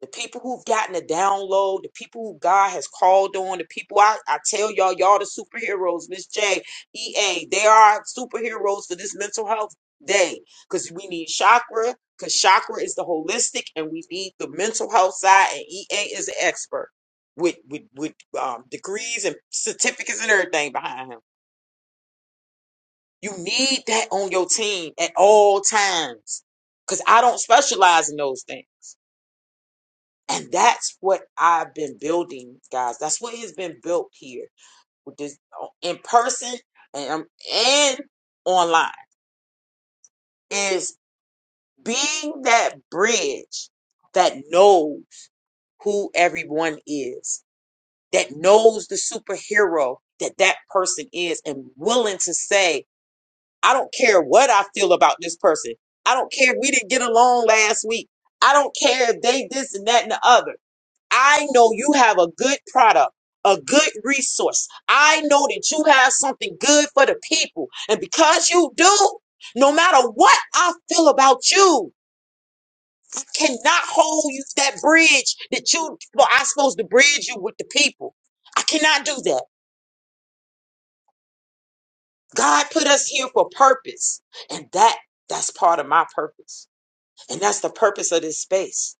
the people who've gotten a download, the people who God has called on, the people I, I tell y'all, y'all the superheroes, Miss J. E. A. they are superheroes for this mental health day because we need chakra, because chakra is the holistic and we need the mental health side, and EA is an expert with, with, with um, degrees and certificates and everything behind him. You need that on your team at all times because I don't specialize in those things. And that's what I've been building, guys. That's what has been built here with this uh, in person and um, and online is being that bridge that knows who everyone is, that knows the superhero that that person is and willing to say, I don't care what I feel about this person. I don't care if we didn't get along last week. I don't care if they this and that and the other. I know you have a good product, a good resource. I know that you have something good for the people. And because you do, no matter what I feel about you, I cannot hold you that bridge that you well, I'm supposed to bridge you with the people. I cannot do that. God put us here for a purpose. And that that's part of my purpose. And that's the purpose of this space.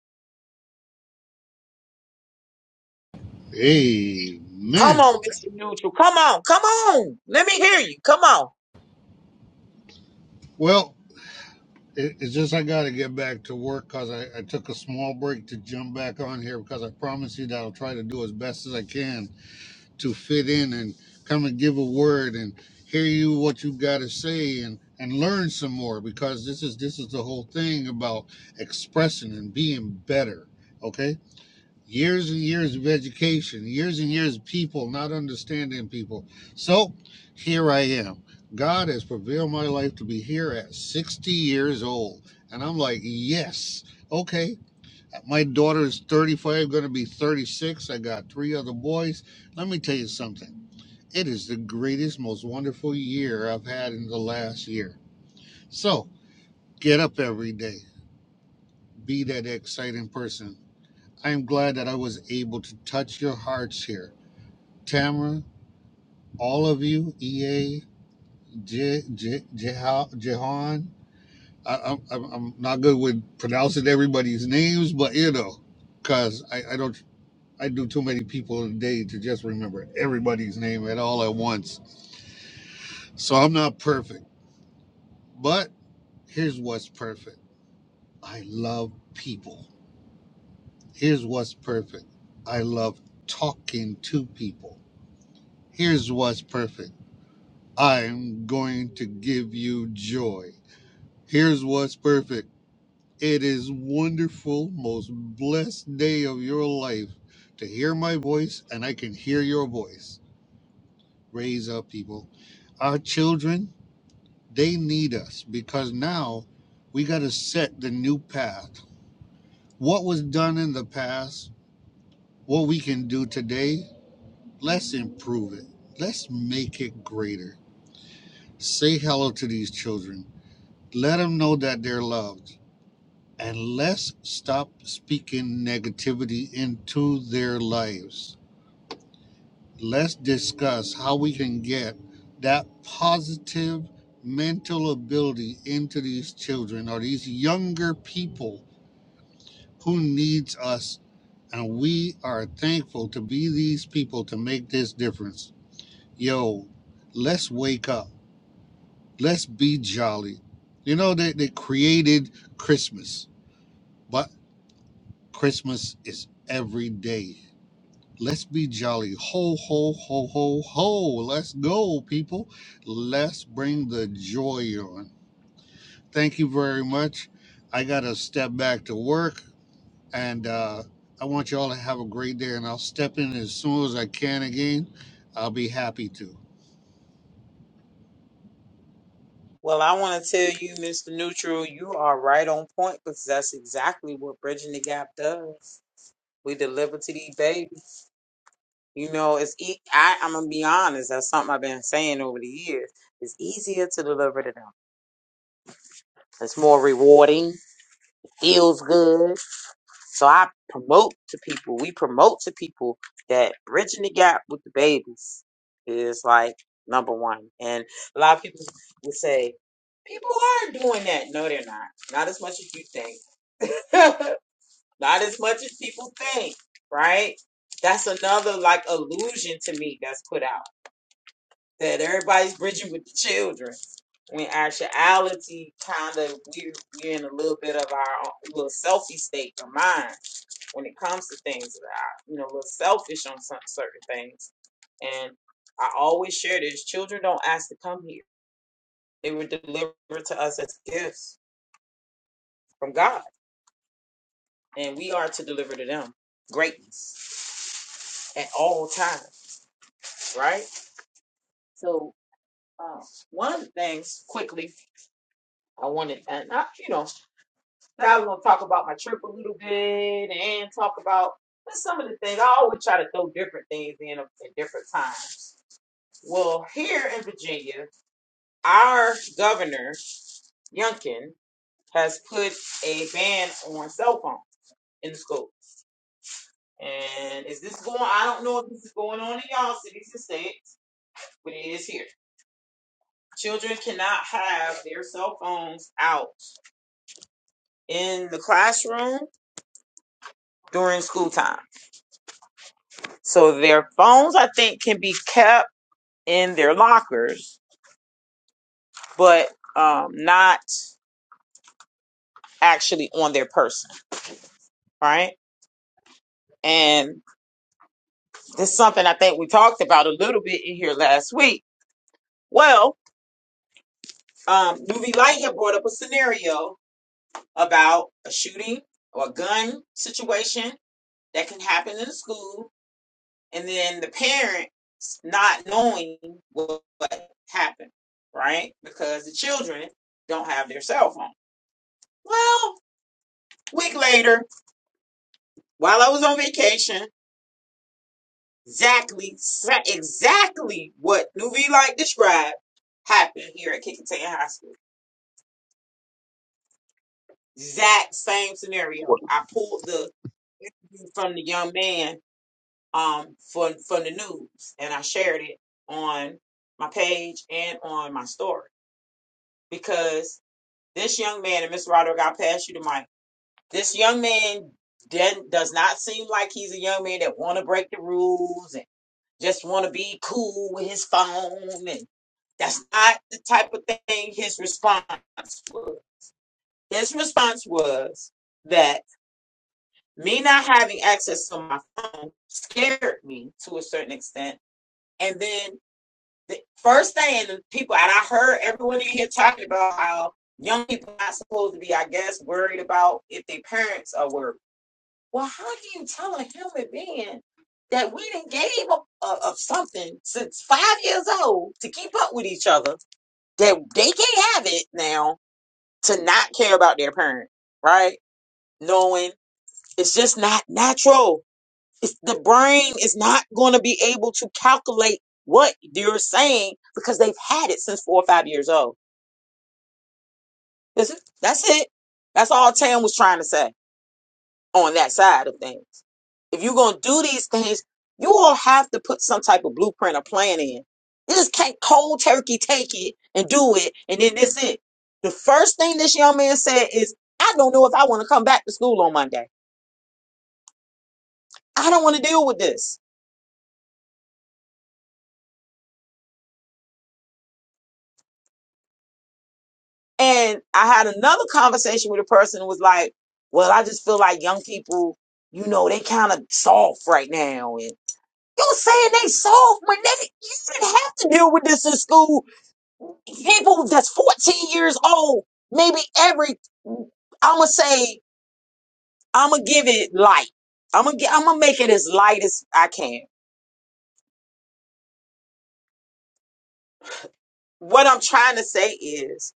Come
Amen.
on, Mr. Neutral. Come on. Come on. Let me hear you. Come on.
Well, it, it's just I got to get back to work because I, I took a small break to jump back on here because I promise you that I'll try to do as best as I can to fit in and come and give a word and hear you what you got to say and and learn some more because this is this is the whole thing about expressing and being better okay years and years of education years and years of people not understanding people so here i am god has prevailed my life to be here at 60 years old and i'm like yes okay my daughter is 35 going to be 36 i got three other boys let me tell you something it is the greatest, most wonderful year I've had in the last year. So get up every day, be that exciting person. I am glad that I was able to touch your hearts here. Tamara, all of you, EA, Je, Jehan. I, I'm, I'm not good with pronouncing everybody's names, but you know, because I, I don't, I do too many people a day to just remember everybody's name at all at once. So I'm not perfect, but Here's what's perfect I love people. Here's what's perfect I love talking to people. Here's what's perfect I'm going to give you joy. Here's what's perfect it is wonderful, most blessed day of your life to hear my voice, and I can hear your voice. Raise up, people. Our children, they need us because now we got to set the new path. What was done in the past what we can do today, let's improve it. Let's make it greater. Say hello to these children. Let them know that they're loved. And let's stop speaking negativity into their lives. Let's discuss how we can get that positive mental ability into these children or these younger people who needs us and we are thankful to be these people to make this difference yo, let's wake up. Let's be jolly. You know, they, they created Christmas, but Christmas is every day. Let's be jolly. Ho, ho, ho, ho, ho. Let's go, people. Let's bring the joy on. Thank you very much. I got to step back to work, and uh, I want you all to have a great day, and I'll step in as soon as I can again. I'll be happy to.
Well, I want to tell you, Mr. Neutral, you are right on point because that's exactly what Bridging the Gap does. We deliver to these babies. You know, it's e- I, I'm gonna be honest. That's something I've been saying over the years. It's easier to deliver to them. It's more rewarding. Feels good. So I promote to people, we promote to people that bridging the gap with the babies is like number one. And a lot of people would say, people are doing that. No, they're not. Not as much as you think. not as much as people think, right? That's another like illusion to me that's put out that everybody's bridging with the children. When actuality, kind of, we're, we're in a little bit of our own little selfie state of mind when it comes to things I, you know, a little selfish on some certain things. And I always share this: children don't ask to come here; they were delivered to us as gifts from God, and we are to deliver to them greatness at all times, right? So, um, one of the things quickly I wanted, and I, you know, I was going to talk about my trip a little bit and talk about. Some of the things I always try to throw different things in at different times. Well, here in Virginia, our governor Youngkin has put a ban on cell phones in the schools. And is this going? I don't know if this is going on in y'all cities and states, but it is here. Children cannot have their cell phones out in the classroom during school time. So their phones, I think, can be kept in their lockers, but um, not actually on their person, right? And It's something I think we talked about a little bit in here last week. Well, um, UV Light had brought up a scenario about a shooting or a gun situation that can happen in the school, and then the parents not knowing what, what happened, right? Because the children don't have their cell phone. Well, week later, while I was on vacation, exactly exactly what UV Light described happened here at Kickintan High School Exact same scenario.
What,
I pulled the interview from the young man um from from the news and I shared it on my page and on my story because this young man and Miss Roderick, I'll pass you the mic. This young man then does not seem like he's a young man that want to break the rules and just want to be cool with his phone and that's not the type of thing his response was. His response was that me not having access to my phone scared me to a certain extent. And then the first thing and people and I heard everyone in here talking about how young people are not supposed to be, I guess, worried about if their parents are worried. Well, how can you tell a human being that we didn't gave up uh, of something since five years old to keep up with each other that they can't have it now to not care about their parent, right? Knowing it's just not natural It's, the brain is not going to be able to calculate what you're saying because they've had it since four or five years old. That's it. That's it. That's all Tam was trying to say on that side of things. If you're going to do these things, you all have to put some type of blueprint or plan in. You just can't cold turkey take it and do it, and then that's it. The first thing this young man said is, I don't know if I want to come back to school on Monday. I don't want to deal with this. And I had another conversation with a person who was like, Well, I just feel like young people, you know, they kind of soft right now. And you're saying they soft when they, you didn't have to deal with this in school. People that's 14 years old, maybe every, I'm going to say, I'm going to give it light. I'm going to I'm going to make it as light as I can. What I'm trying to say is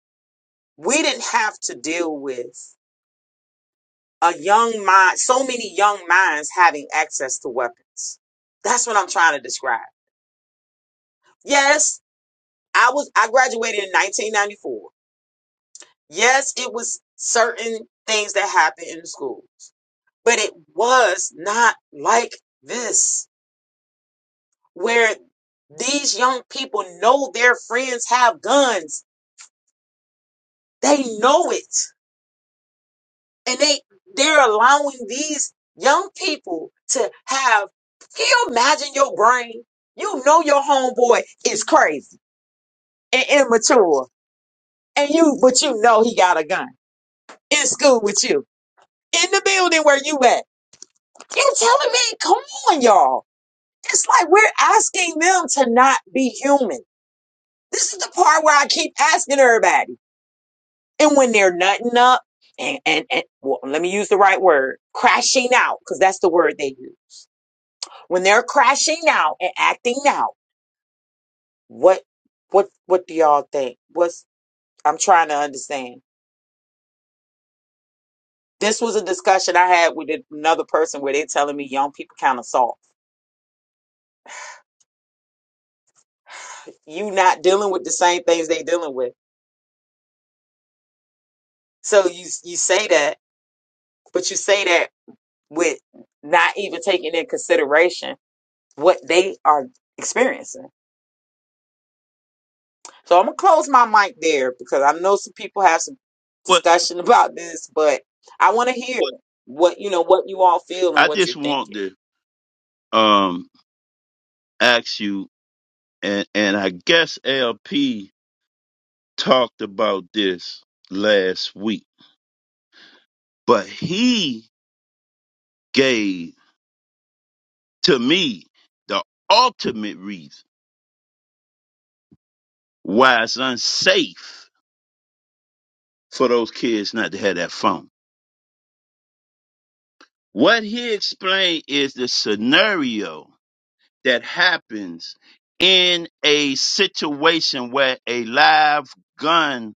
we didn't have to deal with a young mind, so many young minds having access to weapons. That's what I'm trying to describe. Yes, I was I graduated in 1994. Yes, it was certain things that happened in the schools, but it was not like this where these young people know their friends have guns. They know it. and they they're allowing these young people to have can you imagine your brain you know your homeboy is crazy and immature and you but you know he got a gun in school with you in the building where you at you telling me come on y'all it's like we're asking them to not be human this is the part where i keep asking everybody and when they're nutting up and and, and well, let me use the right word crashing out because that's the word they use When they're crashing now and acting now, what what what do y'all think? What's I'm trying to understand. This was a discussion I had with another person where they're telling me young people kind of soft. You not dealing with the same things they dealing with. So you you say that, but you say that with not even taking in consideration what they are experiencing. So I'm gonna close my mic there because I know some people have some
what
discussion about this, but I want to hear what you know what you all feel and
I
what
just
you're
want
thinking.
to um ask you, and and I guess LP talked about this last week, but he gave to me the ultimate reason why it's unsafe for those kids not to have that phone. What he explained is the scenario that happens in a situation where a live gun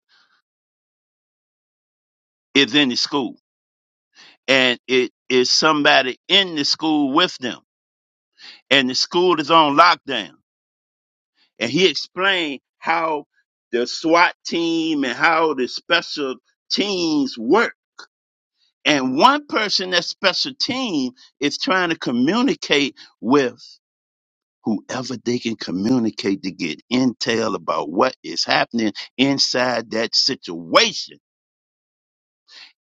is in the school and it is somebody in the school with them, and the school is on lockdown. And he explained how the SWAT team and how the special teams work. And one person that special team is trying to communicate with whoever they can communicate to get intel about what is happening inside that situation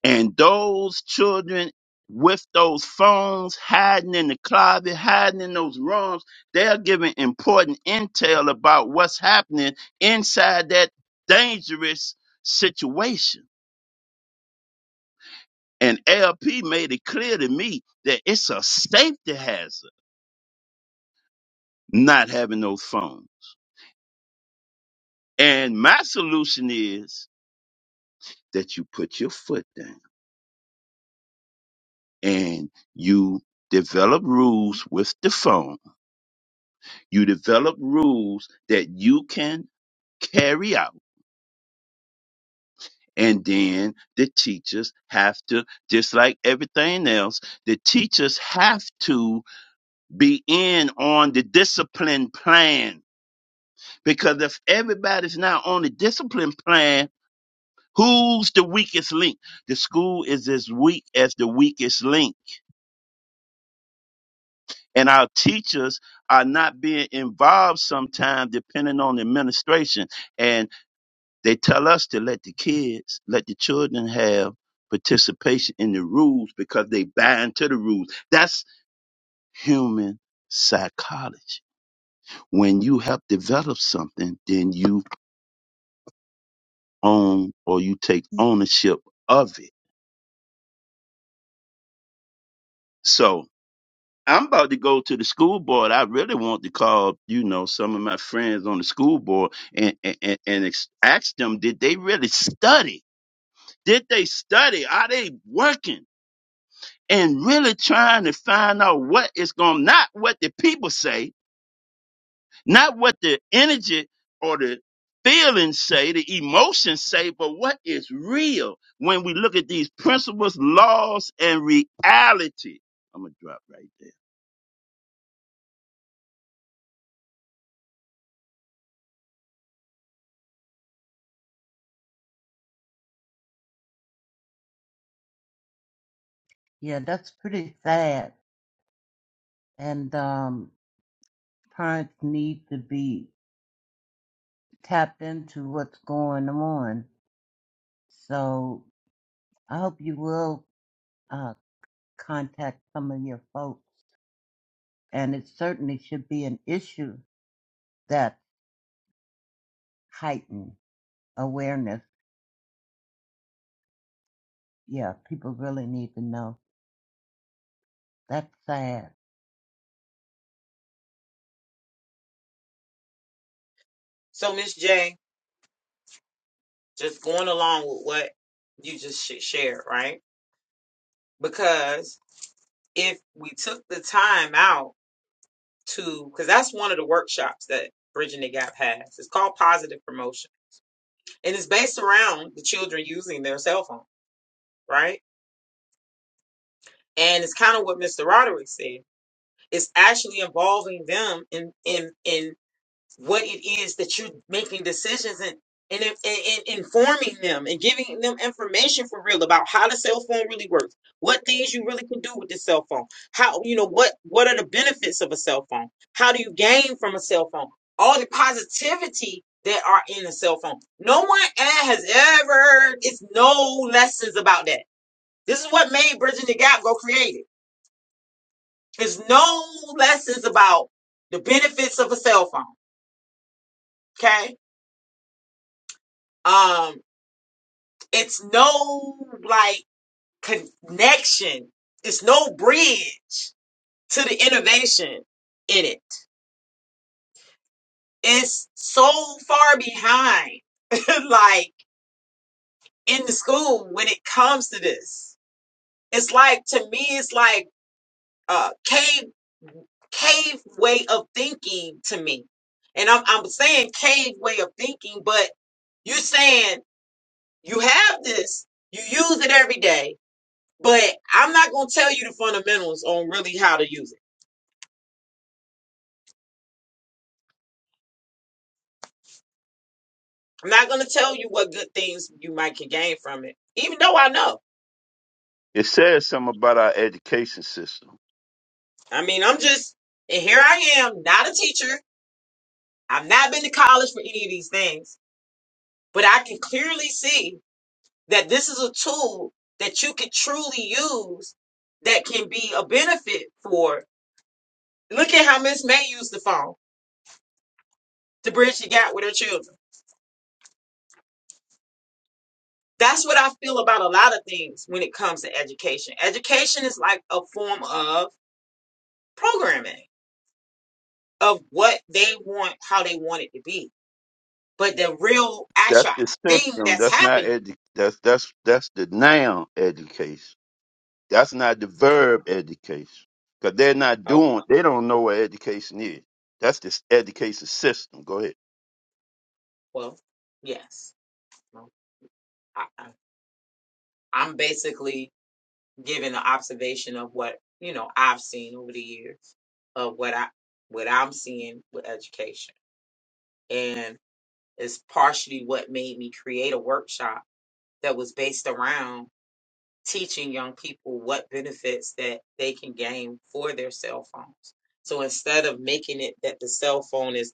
And those children with those phones hiding in the closet, hiding in those rooms, they're giving important intel about what's happening inside that dangerous situation. And LP made it clear to me that it's a safety hazard not having those phones. And my solution is that you put your foot down and you develop rules with the phone You develop rules that you can carry out. And then the teachers have to, just like everything else, the teachers have to be in on the discipline plan. Because if everybody's not on the discipline plan, who's the weakest link? The school is as weak as the weakest link. And our teachers are not being involved sometimes, depending on the administration. They tell us to let the kids, let the children have participation in the rules because they buy into the rules. That's human psychology. When you help develop something, then you own or you take ownership of it. So I'm about to go to the school board. I really want to call, you know, some of my friends on the school board and, and, and and ex- ask them, did they really study? Did they study? Are they working? and really trying to find out what is going not what the people say not what the energy or the feelings say the emotions say but what is real when we look at these principles laws and reality i'm gonna drop right there
Yeah, that's pretty sad. And um, parents need to be tapped into what's going on. So I hope you will uh, contact some of your folks. And it certainly should be an issue that heighten awareness. Yeah, people really need to know. That's sad.
So Miss J, just going along with what you just sh- shared, right? Because if we took the time out to, because that's one of the workshops that Bridging the Gap has. It's called Positive Promotion, and it's based around the children using their cell phone, right? And it's kind of what Mr. Roderick said It's actually involving them in in in what it is that you're making decisions and and, in- and, and informing them and giving them information for real about how the cell phone really works, what things you really can do with the cell phone, how you know what what are the benefits of a cell phone, how do you gain from a cell phone, all the positivity that are in a cell phone. No one eh, has ever heard it's no lessons about that. This is what made Bridging the Gap go creative. There's no lessons about the benefits of a cell phone. Okay. Um, it's no like connection. It's no bridge to the innovation in it. It's so far behind, like in the school when it comes to this. It's like to me, it's like a cave cave way of thinking to me. And I'm I'm saying cave way of thinking, but you're saying You have this. You use it every day. But I'm not going to tell you the fundamentals on really how to use it. I'm not going to tell you what good things you might can gain from it, even though I know.
it says something about our education system
I mean, I'm just, and here I am, not a teacher. I've not been to college for any of these things, but I can clearly see that this is a tool that you can truly use that can be a benefit for. Look at how Miss May used the phone to bridge the gap with her children. That's what I feel about a lot of things when it comes to education. Education is like a form of programming of what they want, how they want it to be. But the real
that's
actual
the
thing
system
that's
that's not
happened,
edu- that's that's that's the noun education That's not the verb education. Because they're not
oh,
doing, they don't know what education is. That's this education system. Go ahead.
well, yes. Well, I, I- I'm basically giving an observation of what, you know, I've seen over the years of what I, what I'm seeing with education. And it's partially what made me create a workshop that was based around teaching young people what benefits that they can gain for their cell phones. So instead of making it that the cell phone is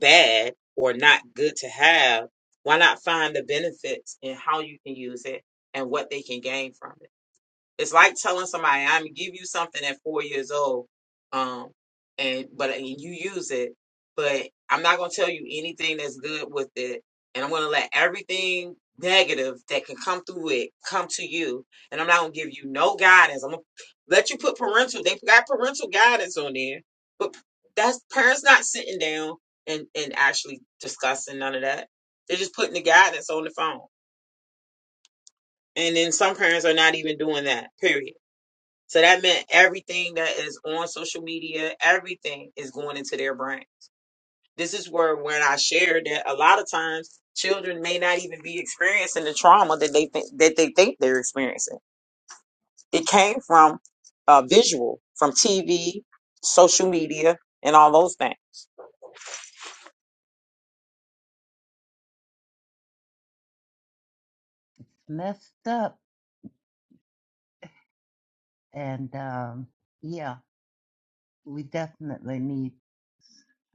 bad or not good to have, why not find the benefits in how you can use it and what they can gain from it? It's like telling somebody, I'm gonna give you something at four years old, um, and but and you use it, but I'm not gonna tell you anything that's good with it, and I'm gonna let everything negative that can come through it come to you, and I'm not gonna give you no guidance. I'm gonna let you put parental. They got parental guidance on there, but that's parents not sitting down and and actually discussing none of that. They're just putting the guidance on the phone, and then some parents are not even doing that. Period. So that meant everything that is on social media, everything is going into their brain. This is where when I shared that a lot of times children may not even be experiencing the trauma that they think that they think they're experiencing. It came from uh, visual, from TV, social media, and all those things.
It's messed up. And um, yeah, we definitely need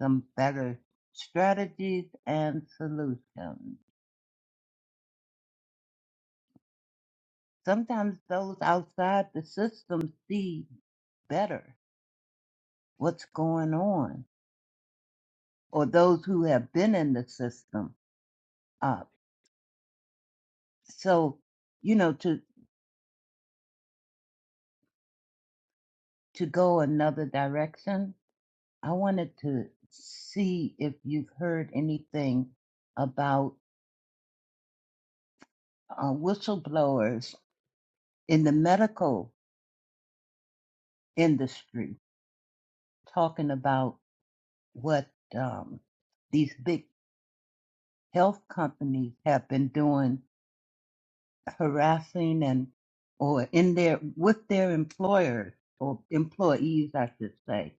some better strategies and solutions. Sometimes those outside the system see better what's going on, or those who have been in the system. uh, so you know to to go another direction i wanted to see if you've heard anything about uh, whistleblowers in the medical industry talking about what um, these big health companies have been doing harassing and or in their with their employers or employees i should say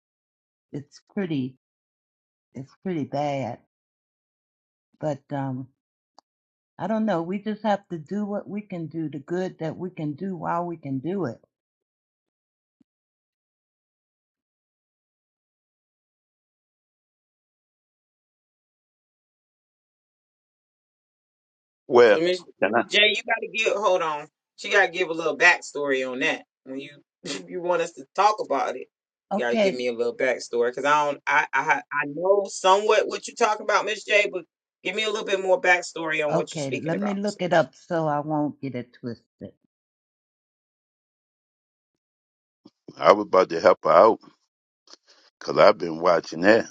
it's pretty it's pretty bad but um, I don't know. We just have to do what we can do, the good that we can do while we can do it.
Well,
So Miss
can I?
Miss J, you gotta give hold on. She gotta give a little backstory on that. When you if you want us to talk about it, you gotta give
Okay.
me a little backstory because I don't I, I ha- I know somewhat what you're talking about, Miss J, but give me a little bit more backstory on what you're
Okay.
speaking
Let
about,
me look it
sis.
up so I won't get it twisted.
I was about to help her out because I've been watching that.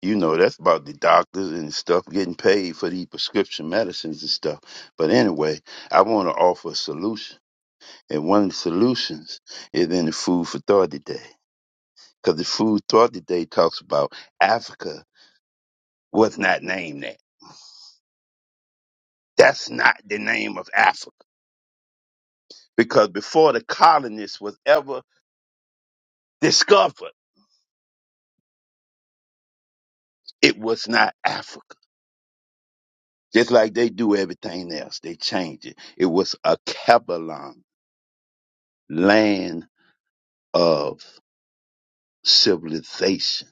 You know, that's about the doctors and stuff getting paid for the prescription medicines and stuff. But anyway, I want to offer a solution. And one of the solutions is in the Food for Thought today. Because the Food Thought today talks about Africa was not named that. That's not the name of Africa. because before the colonists was ever discovered, it was not Africa. Just like they do everything else, they change it. It was a Kabbalah, land of civilization.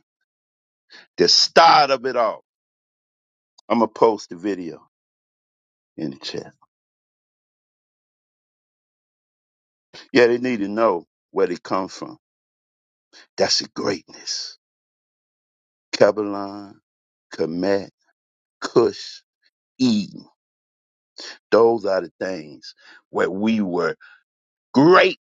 The start of it all. I'm gonna post the video in the chat. Yeah, they need to know where they come from. That's the greatness. Kabbalah, Kemet, Cush, Eden. Those are the things where we were great.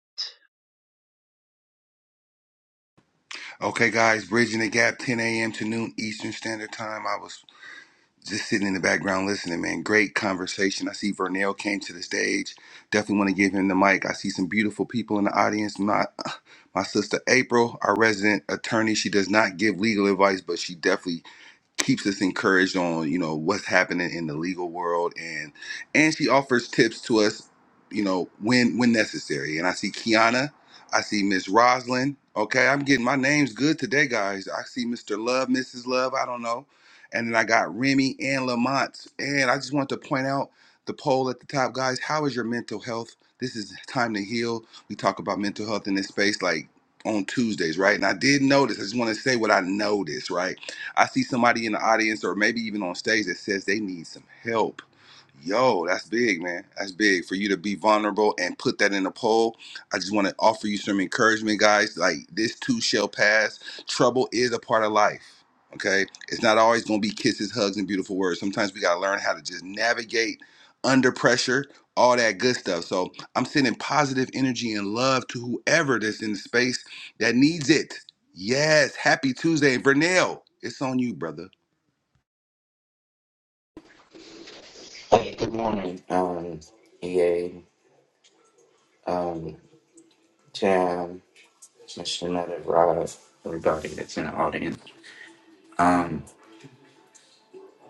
Hey, good morning, um, EA, um, Jam, Mr. Another Rob, everybody that's in the audience. Um,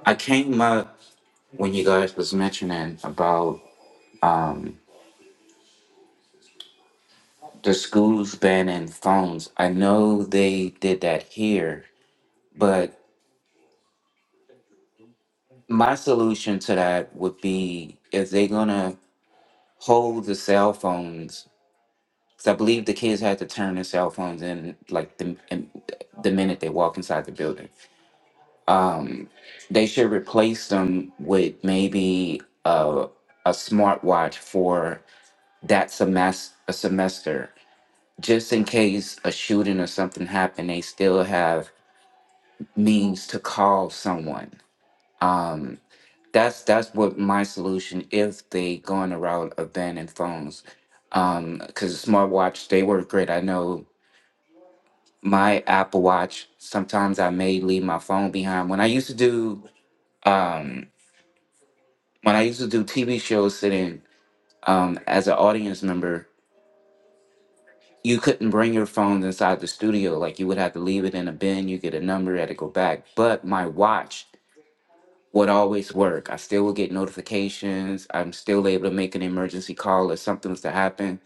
I came up when you guys was mentioning about um, the schools banning phones. I know they did that here, but my solution to that would be if they're gonna hold the cell phones, because I believe the kids had to turn their cell phones in like the, in, the minute they walk inside the building. Um, They should replace them with maybe a a smartwatch for that semester a semester, just in case a shooting or something happened. They still have means to call someone. Um, that's that's what my solution if they go on the route of banning phones. Um, because smartwatch they work great. I know my Apple Watch. Sometimes I may leave my phone behind. When I used to do um when I used to do TV shows sitting um, as an audience member, you couldn't bring your phones inside the studio. Like you would have to leave it in a bin. You get a number, had to go back. But my watch would always work. I still would get notifications. I'm still able to make an emergency call if something was to happen.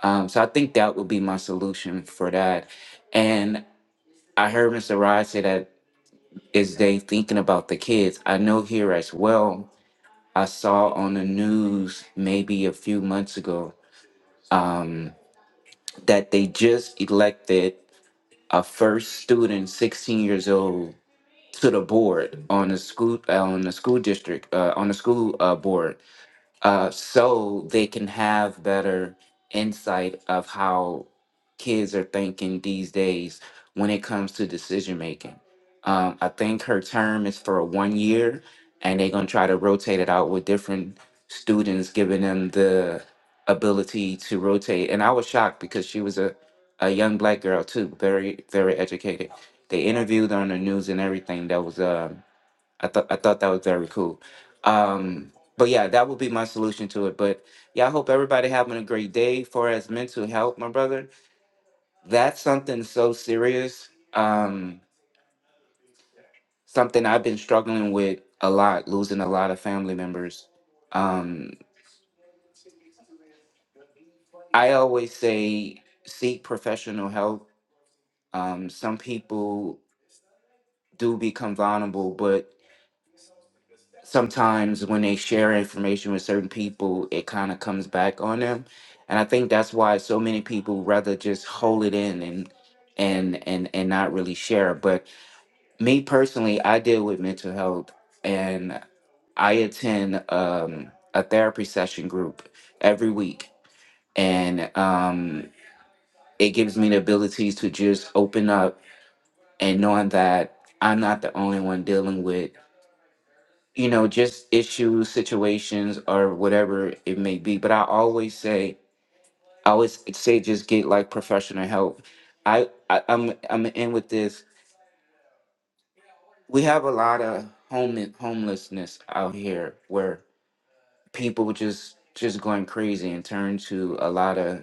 Um, so I think that would be my solution for that. And I heard Mr. Rod say that is they thinking about the kids. I know here as well. I saw on the news maybe a few months ago um, that they just elected a first student, 16 years old, to the board on the school uh, on the school district uh, on the school uh, board uh, so they can have better insight of how kids are thinking these days when it comes to decision making. Um, I think her term is for one year, and they're gonna try to rotate it out with different students, giving them the ability to rotate. And I was shocked because she was a, a young black girl too, very very educated. They interviewed her on the news and everything. That was um I thought I thought that was very cool. Um, but yeah, that would be my solution to it. But yeah, I hope everybody having a great day. For as mental health, my brother, that's something so serious. Um, something I've been struggling with a lot, losing a lot of family members. Um, I always say seek professional help. Um, some people do become vulnerable, but sometimes when they share information with certain people, it kind of comes back on them. And I think that's why so many people rather just hold it in and and and and not really share. But me personally, I deal with mental health and I attend um a therapy session group every week and um it gives me the ability to just open up and knowing that I'm not the only one dealing with you know, just issues, situations, or whatever it may be. But I always say, I always say, just get like professional help. I, I I'm I'm in with this. We have a lot of home homelessness out here where people just just going crazy and turn to a lot of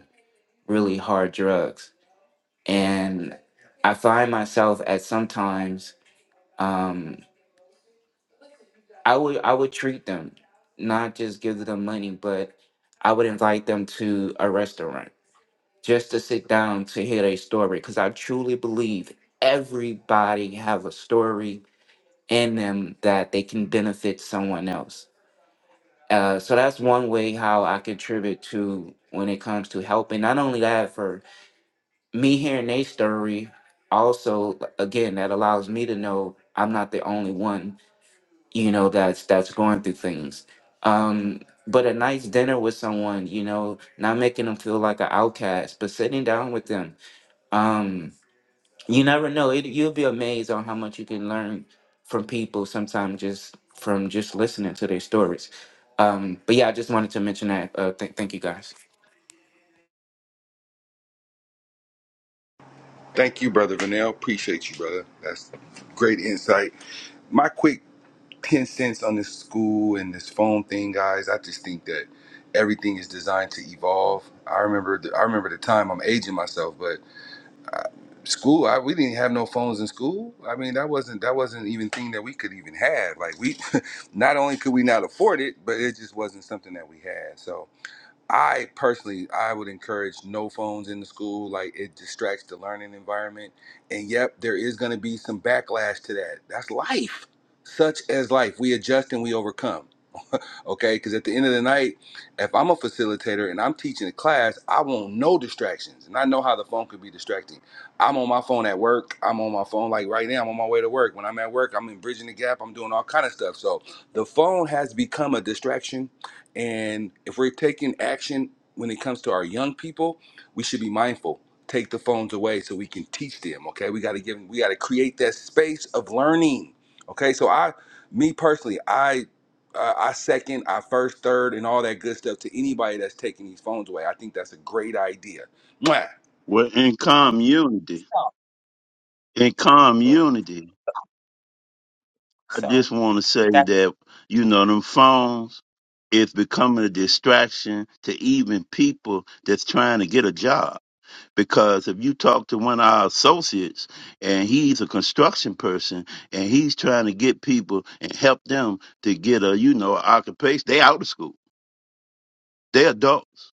really hard drugs. And I find myself at sometimes um, I would I would treat them, not just give them money, but I would invite them to a restaurant just to sit down to hear their story because I truly believe everybody have a story in them that they can benefit someone else. Uh, so that's one way how I contribute to when it comes to helping. Not only that, for me hearing their story, also again that allows me to know I'm not the only one you know that's that's going through things um but a nice dinner with someone you know not making them feel like an outcast but sitting down with them um you never know it, you'll be amazed on how much you can learn from people sometimes just from just listening to their stories um but yeah i just wanted to mention that uh th- thank you guys
We're in community in
Okay,
community, I
so
just want to say
that
that you know them phones It's becoming a distraction to even people that's trying to get a job. Because if you talk to one of our associates and he's a construction person and he's trying to get people and help them to get a you know occupation, they out of school, they adults.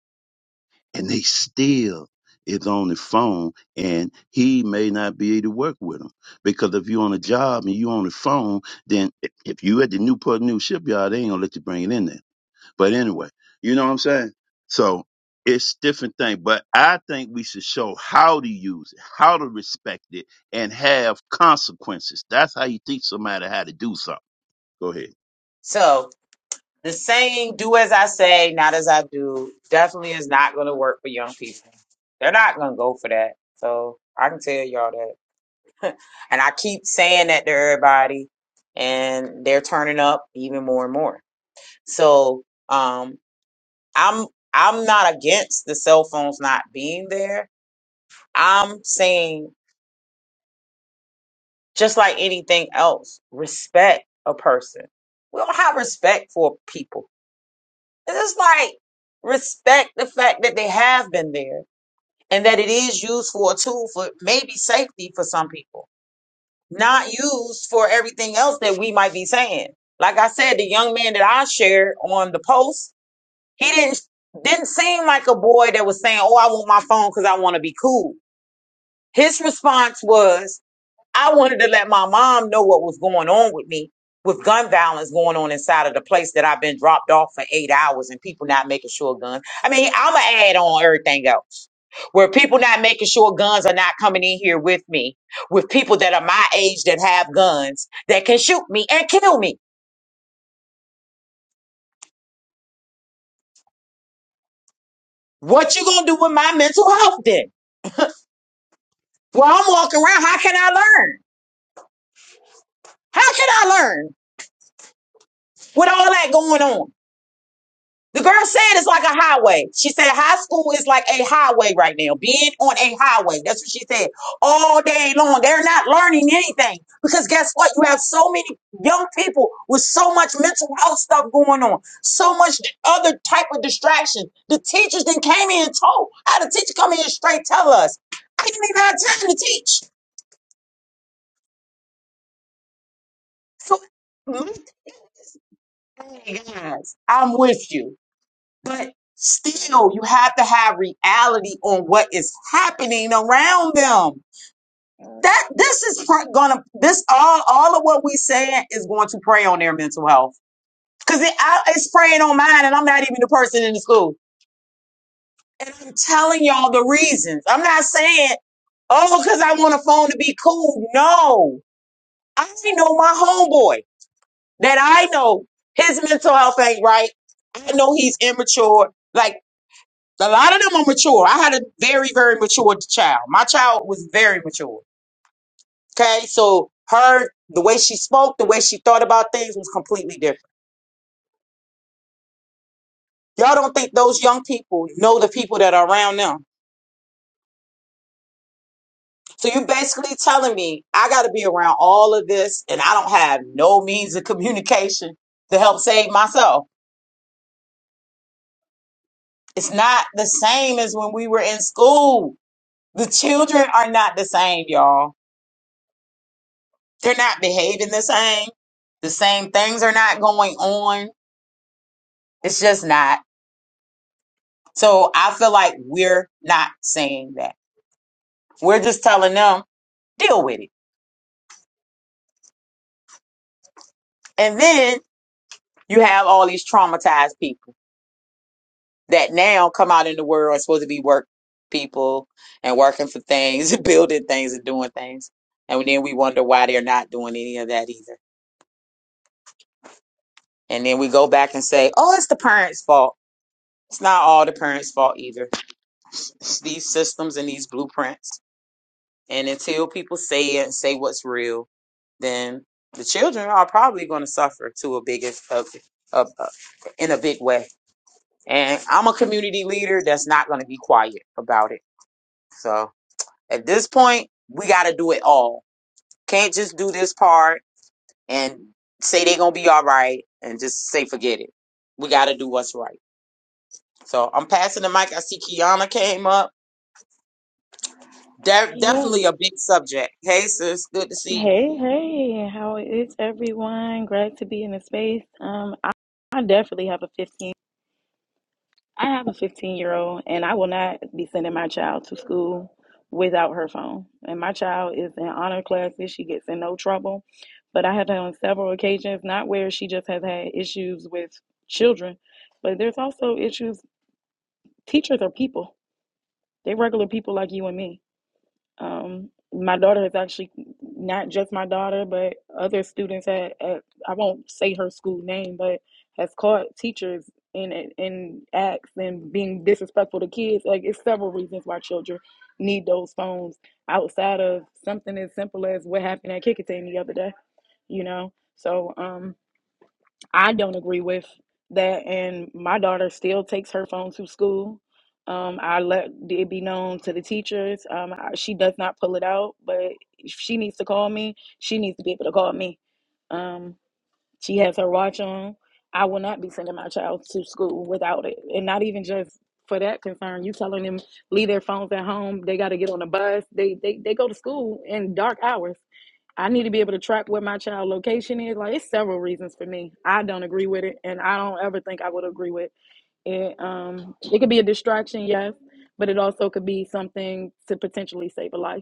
and they still is on the phone and he may not be able to work with them because if you're on a job and you're on the phone then if if you at the newport News shipyard they ain't gonna let you bring it in there but anyway you know what i'm saying so it's different thing but i think we should show how to use it how to respect it and have consequences that's how you teach somebody how to do something go ahead
so the saying "do as I say, not as I do" definitely is not going to work for young people. They're not going to go for that. So I can tell y'all that. And I keep saying that to everybody, and they're turning up even more and more. So um, I'm I'm not against the cell phones not being there. I'm saying just like anything else, respect a person. We don't have respect for people. It's just like respect the fact that they have been there and that it is used for a tool for maybe safety for some people not used for everything else that we might be saying. Like I said, the young man that I shared on the post, he didn't didn't seem like a boy that was saying, "Oh, I want my phone because I want to be cool." His response was, I wanted to let my mom know what was going on with me with gun violence going on inside of the place that I've been dropped off for eight hours and people not making sure guns. I mean, I'm going to add on everything else where people not making sure guns are not coming in here with me, with people that are my age that have guns that can shoot me and kill me. What you going to do with my mental health then? Well, I'm walking around. How can I learn? How can I learn with all that going on? The girl said it's like a highway. She said high school is like a highway right now, being on a highway. That's what she said. All day long. They're not learning anything because guess what? You have so many young people with so much mental health stuff going on, so much other type of distraction. The teachers then came in and told. I had a teacher come in and straight tell us, I didn't even have time to teach. So, my- hey, guys, I'm with you. But still, you have to have reality on what is happening around them. That this is pr- gonna this all all of what we saying is going to prey on their mental health because it, I- it's preying on mine, and I'm not even the person in the school. And I'm telling y'all the reasons. I'm not saying oh because I want a phone to be cool. No, I know my homeboy that I know his mental health ain't right. I know he's immature. Like A lot of them are mature. I had a very, very mature child. My child was very mature. Okay. So her, the way she spoke, the way she thought about things was completely different. Y'all don't think those young people know the people that are around them. So you're basically telling me I got to be around all of this and I don't have no means of communication to help save myself. It's not the same as when we were in school. The children are not the same, y'all They're not behaving the same. The same things are not going on. It's just not. So I feel like we're not saying that. We're just telling them, deal with it. And then you have all these traumatized people that now come out in the world are supposed to be work people and working for things, building things and doing things. And then we wonder why they're not doing any of that either. And then we go back and say, oh, it's the parents' fault. It's not all the parents' fault either. It's these systems and these blueprints And until people say it, say what's real, then the children are probably going to suffer to a big, a, a, a, in a big way. And I'm a community leader that's not going to be quiet about it. So at this point, we got to do it all. Can't just do this part and say they're going to be all right and just say forget it. We got to do what's right. So I'm passing the mic. I see Kiana came up. De-
Yeah.
definitely a big subject. Hey, sis, good to see you.
Hey, hey, how is everyone? Glad to be in the space. Um, I, I definitely have a 15. I have a 15 year old, and I will not be sending my child to school without her phone. And my child is in honor classes. She gets in no trouble. But I have had on several occasions, not where she just has had issues with children, but there's also issues. Teachers are people. They're regular people like you and me Um, my daughter has actually not just my daughter, but other students at, at I won't say her school name, but has caught teachers in in acts and being disrespectful to kids. Like it's several reasons why children need those phones outside of something as simple as what happened at Kikatane the other day, you know. So um, I don't agree with that, and my daughter still takes her phone to school. Um, I let it be known to the teachers. Um, I, she does not pull it out, but if she needs to call me, she needs to be able to call me. Um, she has her watch on. I will not be sending my child to school without it. And not even just for that concern. You telling them leave their phones at home. They got to get on the bus. They, they they go to school in dark hours. I need to be able to track where my child location is. Like it's several reasons for me. I don't agree with it and I don't ever think I would agree with it. Um it could be a distraction, yes, but it also could be something to potentially save a life.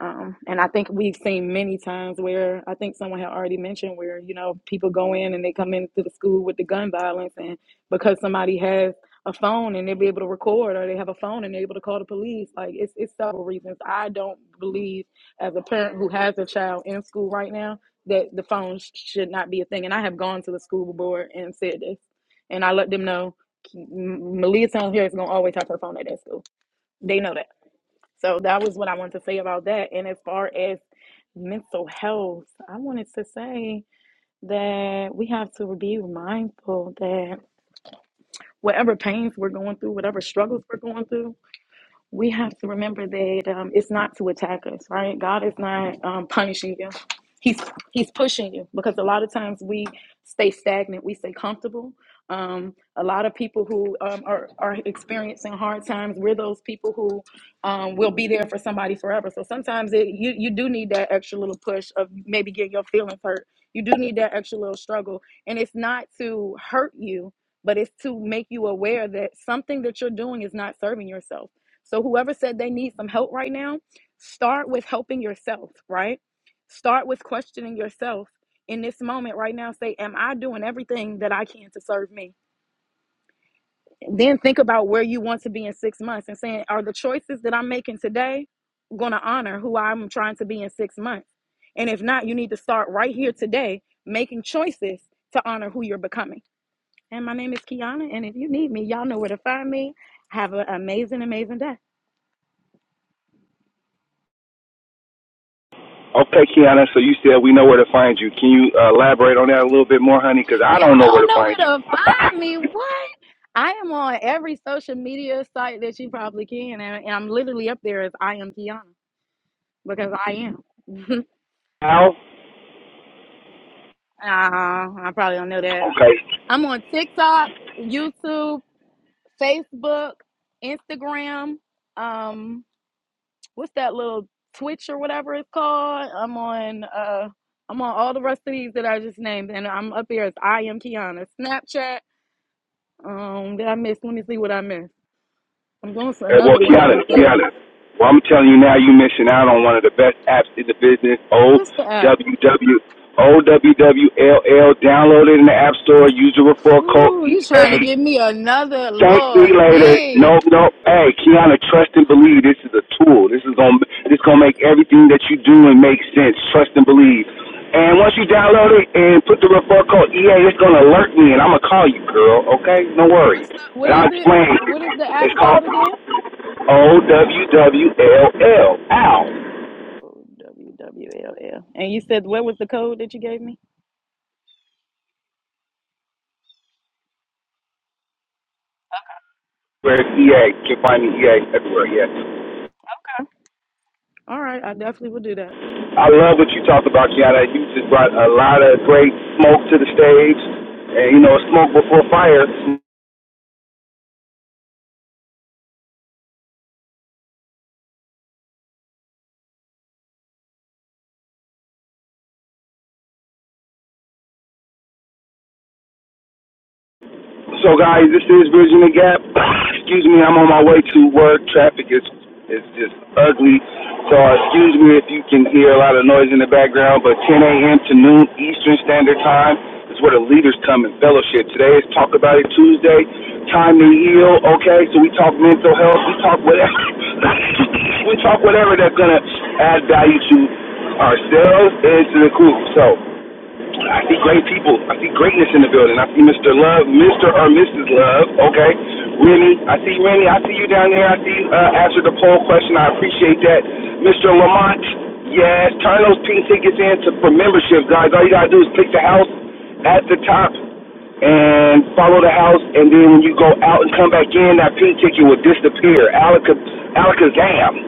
Um, and I think we've seen many times where I think someone had already mentioned where, you know, people go in and they come into the school with the gun violence and because somebody has a phone and they'll be able to record or they have a phone and they're able to call the police. Like it's it's several reasons. I don't believe as a parent who has a child in school right now that the phone sh- should not be a thing. And I have gone to the school board and said this. And I let them know Malia Town here is gonna always have her phone at that school. They know that. So that was what I wanted to say about that. And as far as mental health, I wanted to say that we have to be mindful that whatever pains we're going through, whatever struggles we're going through, we have to remember that um, it's not to attack us, right? God is not um, punishing you. He's he's pushing you because a lot of times we stay stagnant, we stay comfortable. Um, a lot of people who um, are are experiencing hard times, we're those people who um, will be there for somebody forever. So sometimes it, you you do need that extra little push of maybe getting your feelings hurt. You do need that extra little struggle, and it's not to hurt you, but it's to make you aware that something that you're doing is not serving yourself so, whoever said they need some help right now, start with helping yourself, right? Start with questioning yourself in this moment right now. Say, Am I doing everything that I can to serve me? Then think about where you want to be in six months and saying, Are the choices that I'm making today going to honor who I'm trying to be in six months? And if not, you need to start right here today making choices to honor who you're becoming. And my name is Kiana. And if you need me, y'all know where to find me. Have an amazing, amazing day. don't know where to find me. What? I am on every social media site that you probably can, and, and I'm literally up there as I am Kiana because I am. uh, I probably don't know that. I'm on TikTok, YouTube, Facebook, Instagram. Um, what's that little Twitch or whatever it's called? I'm on. Uh, I'm on all the rest of these that I just named, and I'm up here as I am Kiana. Snapchat. Um, did I miss? Let me see what I missed. I'm going for
Uh, well,
another one of them
Kiana,
things.
Kiana. Well, I'm telling you now, you are missing out on one of the best apps in the business. O
What's the app?
W W O W W L L. Download it in the App Store. Use the referral code
Ooh, you trying to
EA.
give me another
Thank me
Lord
later.
D.
No, no. Hey, Kiana, trust and believe. This is a tool. This is gonna this gonna make everything that you do and make sense. Trust and believe. And once you download it and put the referral code EA, it's gonna alert me and I'm gonna call you, girl. Okay? No worries.
What's the what
And
is
I'll
it?
explain.
What is the app
It's called
called again?
O W W L L. Ow.
Oh, WWLL. And you said what was the code that you gave me?
Where it's EA. You can find me EA everywhere, yes.
All right, I definitely will do that.
I love what you talked about, Kiana. You just brought a lot of great smoke to the stage. And, you know, smoke before fire. So guys, this is Bridging the Gap. excuse me, I'm on my way to work. Traffic is is just ugly. So excuse me if you can hear a lot of noise in the background, but 10 a.m. to noon Eastern Standard Time is where the leaders come and fellowship. Today is Talk About It Tuesday. Time to heal. Okay, so we talk mental health. We talk whatever. we talk whatever that's gonna add value to ourselves and to the group. So I see great people. I see greatness in the building. I see Mr. Love, Mr. or Mrs. Love. Okay, Rennie. I see Rennie. I see you down there. I see uh, answer the poll question. I appreciate that, Mr. Lamont. Yes, turn those pink tickets in to, for membership, guys. All you gotta do is click the house at the top and follow the house, and then when you go out and come back in, that pink ticket will disappear. Alaka, alakazam.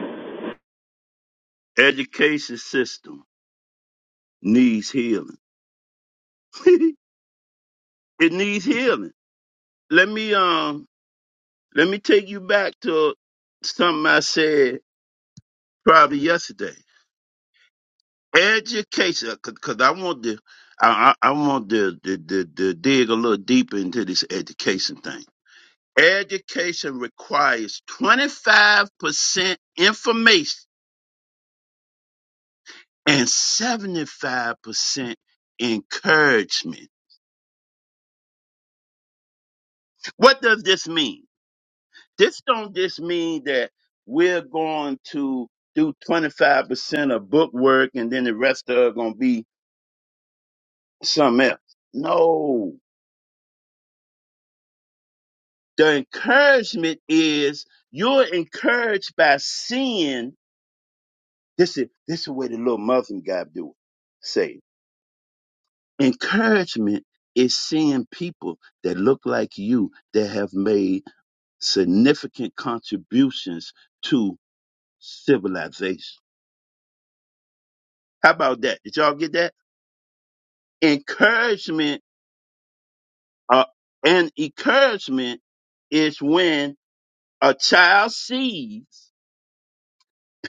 education system needs healing it needs healing let me um Let me take you back to something I said probably yesterday. Education, because I want to, I, I I want to, to, to, to dig a little deeper into this education thing. Education requires 25% information and 75% encouragement. What does this mean? This don't just mean that we're going to do 25% of book work and then the rest of it going to be something else. No, the encouragement is you're encouraged by seeing. This is this is the way the little Muslim guy do it. Say it. encouragement is seeing people that look like you that have made significant contributions to civilization. How about that? Did y'all get that? Encouragement uh, and encouragement is when a child sees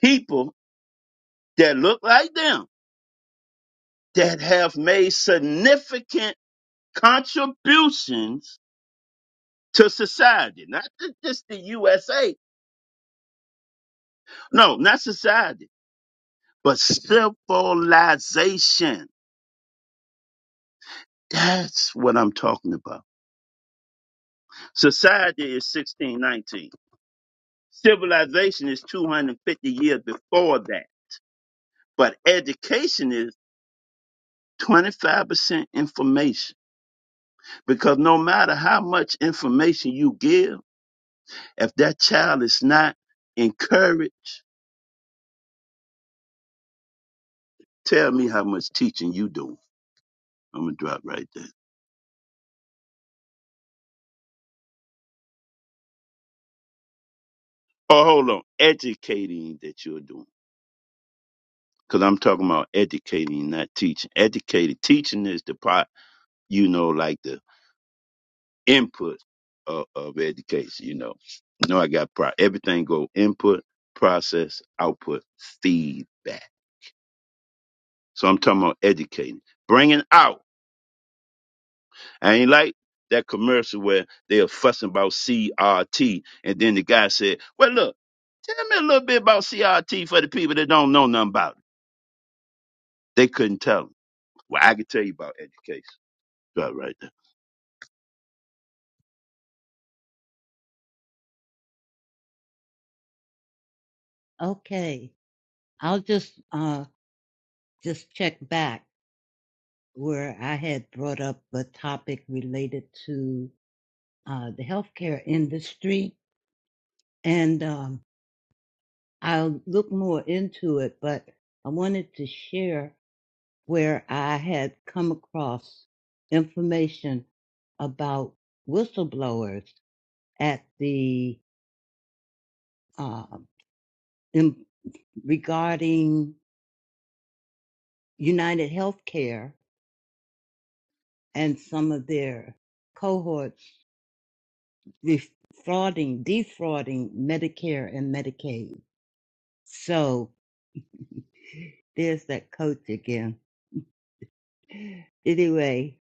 people that look like them that have made significant contributions to society. Not ju- just the USA. No, not society, but civilization. That's what I'm talking about. Society is 1619. Civilization is 250 years before that. But education is 25% information. Because no matter how much information you give, If that child is not encouraged, tell me how much teaching you doing. I'm gonna drop right there. Oh, hold on. Educating that you're doing. Cause I'm talking about educating, not teaching. Educated teaching is the part, you know, like the input of, of education, you know. No, I got pro everything go input, process, output, feedback. So I'm talking about educating. Bringing out. I ain't like that commercial where they are fussing about CRT, and then the guy said, "Well, look, tell me a little bit about CRT for the people that don't know nothing about it." They couldn't tell them. Well, I can tell you about education, right, right there.
Okay. I'll just uh just check back where I had brought up a topic related to uh the healthcare industry and um I'll look more into it, but I wanted to share. where I had come across information about whistleblowers at the uh, in, regarding United Healthcare and some of their cohorts defrauding, defrauding Medicare and Medicaid. So there's that coach again. Anyway,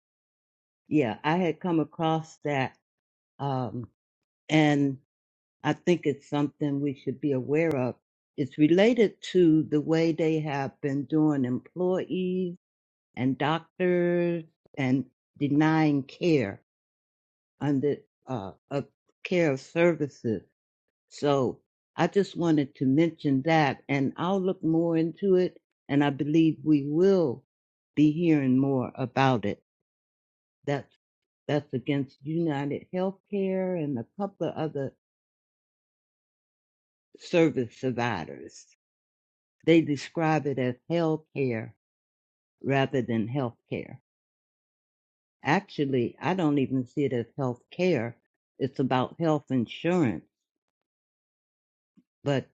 yeah, I had come across that, um, and I think it's something we should be aware of. It's related to the way they have been doing employees and doctors and denying care under uh, of care of services. So I just wanted to mention that, and I'll look more into it, and I believe we will be hearing more about it. That's that's against United Healthcare and a couple of other service providers. They describe it as health care rather than health care. Actually, I don't even see it as health care. It's about health insurance, but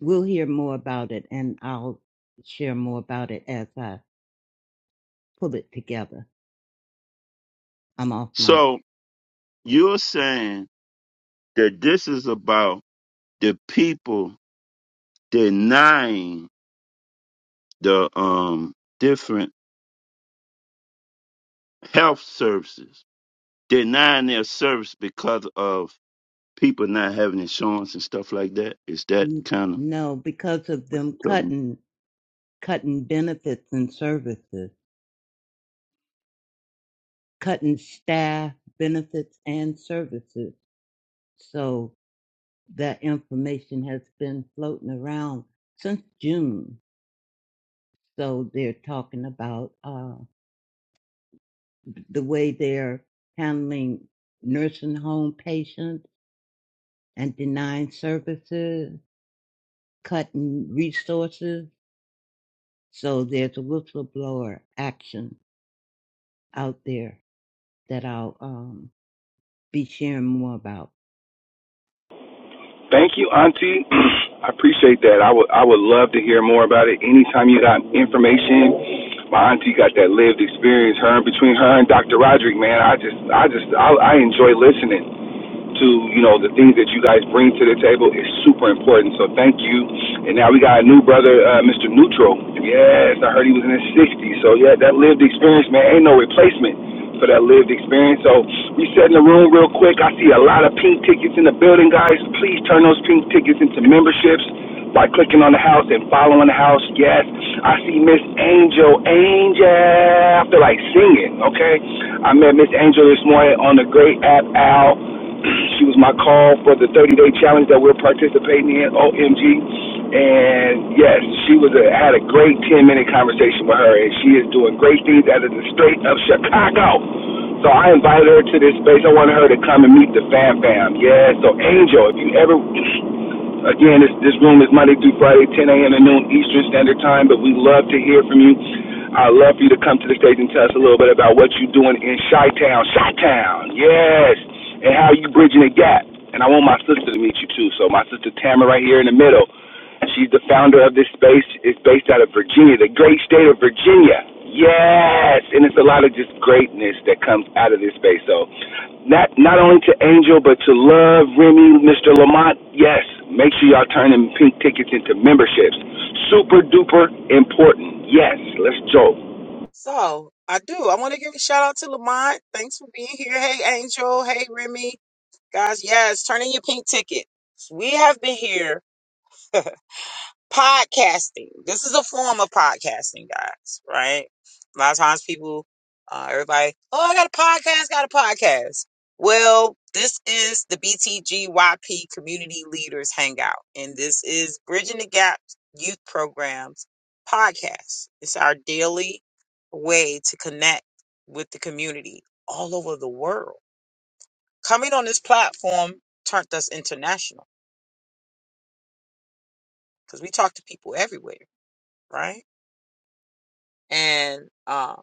we'll hear more about it and I'll share more about it as I pull it together. I'm off mic.
So you're saying that this is about the people denying the um different health services, denying their service because of people not having insurance and stuff like that. Is that
N-
kind
No, because of them
of?
cutting, cutting benefits and services, cutting staff benefits and services. So that information has been floating around since June. So they're talking about uh, the way they're handling nursing home patients and denying services, cutting resources. So there's a whistleblower action out there that I'll um, be sharing more about.
Thank you, Auntie. I appreciate that. I would I would love to hear more about it. Anytime you got information, my auntie got that lived experience. Her and between her and Dr. Roderick, man, I just I just I, I enjoy listening to you know the things that you guys bring to the table is super important. So thank you. And now we got a new brother, uh, Mr. Neutral. Yes, I heard he was in his 60s. So yeah, that lived experience, man, ain't no replacement for that following that female angel. laugh, they're like singing, okay? I met Miss Angel this morning on the great app Al. She was my call for the 30 day challenge that we're participating in, OMG. And yes, she was a, had a great 10 minute conversation with her, and she is doing great things out of the Strait of Chicago. So I invited her to this space. I wanted her to come and meet the fam fam. Yeah, so Angel, if you ever Again, this, this room is Monday through Friday, 10 a.m. to noon Eastern Standard Time, but we love to hear from you. i love for you to come to the stage and tell us a little bit about what you're doing in Chi Town. Chi Town, yes, and how you bridging the gap. And I want my sister to meet you too. So my sister Tamarinia,
So I do. I want to give a shout out to Lamont. Thanks for being here. Hey, Angel. Hey, Remy. Guys, yes, turn in your pink ticket. We have been here podcasting. This is a form of podcasting, guys, right? A lot of times people, uh, everybody, oh, I got a podcast, got a podcast. Well, this is the BTGYP Community Leaders Hangout, and this is Bridging the Gap Youth Programs podcast. It's our daily way to connect with the community all over the world. Coming on this platform turned us international because we talk to people everywhere, right? and um,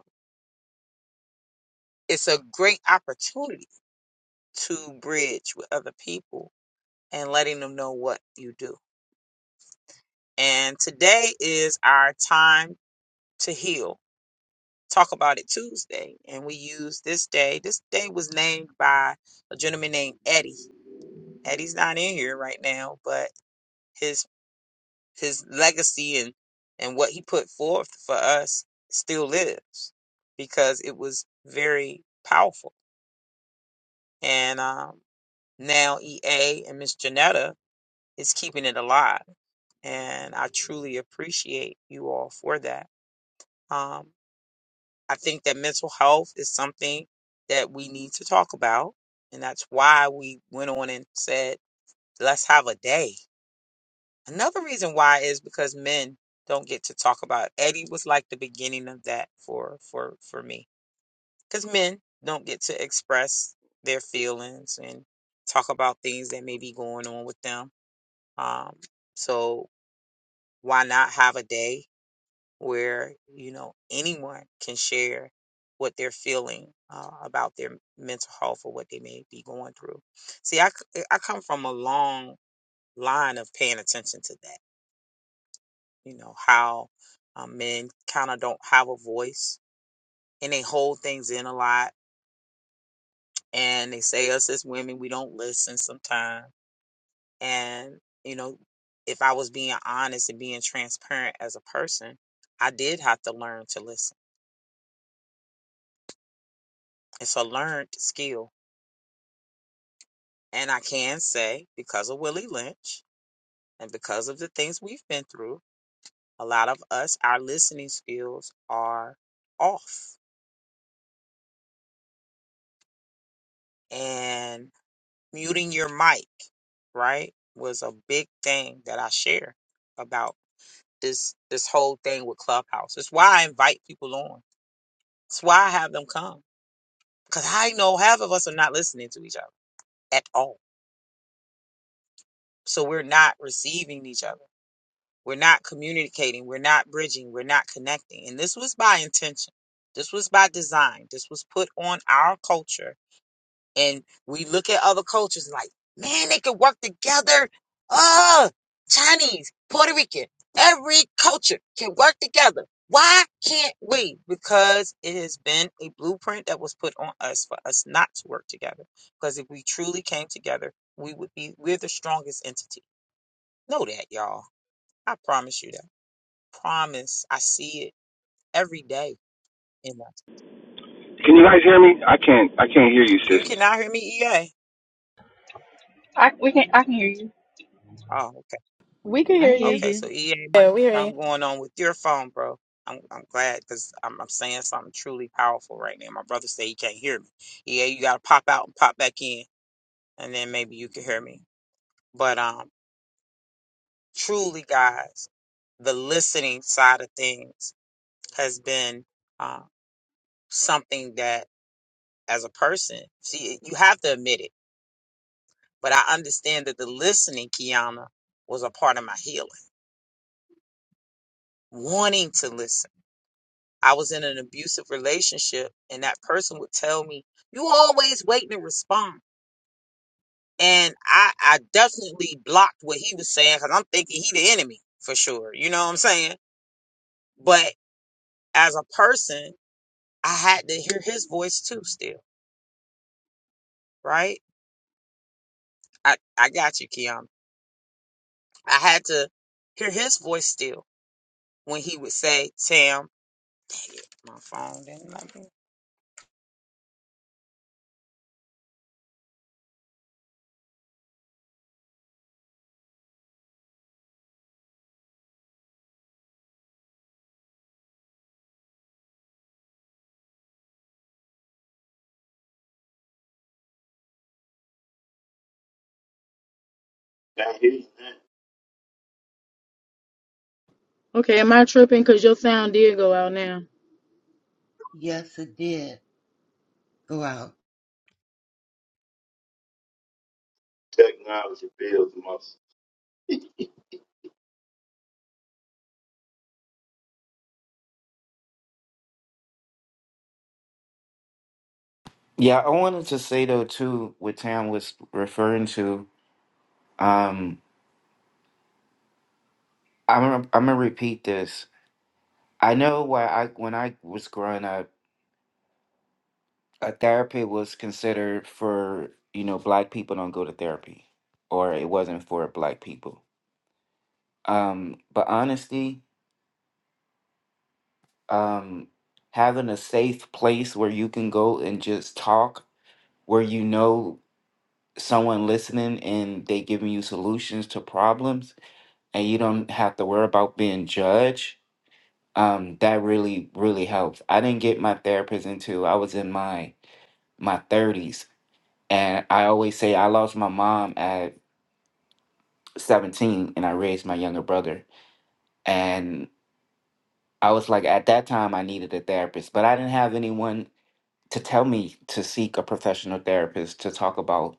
it's a great opportunity to bridge with other people and letting them know what you do. And today is our time to heal. Talk about it Tuesday. And we use this day. This day was named by a gentleman named Eddie. Eddie's not in here right now, but his his legacy and, and what he put forth for us still lives because it was very powerful. And um, now EA and Miss Janetta is keeping it alive. And I truly appreciate you all for that. Um, I think that mental health is something that we need to talk about. And that's why we went on and said, let's have a day. Another reason why is because men don't get to talk about it. Eddie was like the beginning of that for for for me. Because men don't get to express their feelings and talk about things that may be going on with them. Um, so why not have a day where you know anyone can share what they're feeling uh, about their mental health or what they may be going through. See, I c- eh, I come from a long line of paying attention to that. You know how um, men kind of don't have a voice and they hold things in a lot, and they say us as women we don't listen sometimes. And you know, if I was being honest and being transparent as a person, I did have to learn to listen. It's a learned skill And I can say, because of Willie Lynch and because of the things we've been through, a lot of us, our listening skills are off. And muting your mic, right, was a big thing that I share about this this whole thing with Clubhouse. It's why I invite people on. It's why I have them come. Because I know half of us are not listening to each other at all. So we're not receiving each other We're not communicating. We're not bridging. We're not connecting. And this was by intention. This was by design. This was put on our culture. And we look at other cultures like, man, they can work together. Oh, Chinese, Puerto Rican, every culture can work together. Why can't we? Because it has been a blueprint that was put on us for us not to work together. Because if we truly came together, we would be, we're the strongest entity. Know that, y'all. I promise you that. Promise. I see it every day in us.
can you guys hear me? I can't, I can't hear you,
You
sister.
cannot hear me, EA.
I we can I can hear you.
Oh, okay.
We can
I
hear
hear
you.
Okay,
you.
so EA might
Yeah,
be
we hear you.
something going on with your phone, bro. I'm I'm glad because I'm I'm saying something truly powerful right now. My brother said he can't hear me. EA, you gotta pop out and pop back in, and then maybe you can hear me. But um truly guys, the listening side of things has been uh, something that as a person, see, you have to admit it But I understand that the listening, Kiana, was a part of my healing, wanting to listen. I was in an abusive relationship, and that person would tell me, You always waiting to respond. And I, I definitely blocked what he was saying because I'm thinking he the enemy for sure. You know what I'm saying? But as a person, I had to hear his voice too, still, right? I, I got you, Kiana. I had to hear his voice still when he would say, Tam, dang it, my phone didn't let me.
Now here's that
Okay, am I tripping? Cause your sound did go out now.
Yes, it did go out.
technology builds muscle.
yeah i wanted to say though too what tam was referring to um i'm gonna, I'm gonna repeat this i know why i when i was growing up a therapy was considered for you know black people don't go to therapy or it wasn't for black people um but honestly um having a safe place where you can go and just talk where you know someone listening and they giving you solutions to problems and you don't have to worry about being judged um that really really helps i didn't get my therapist until i was in my my 30s and i always say i lost my mom at 17 and I raised my younger brother. And I was like, at that time, I needed a therapist, but I didn't have anyone to tell me to seek a professional therapist to talk about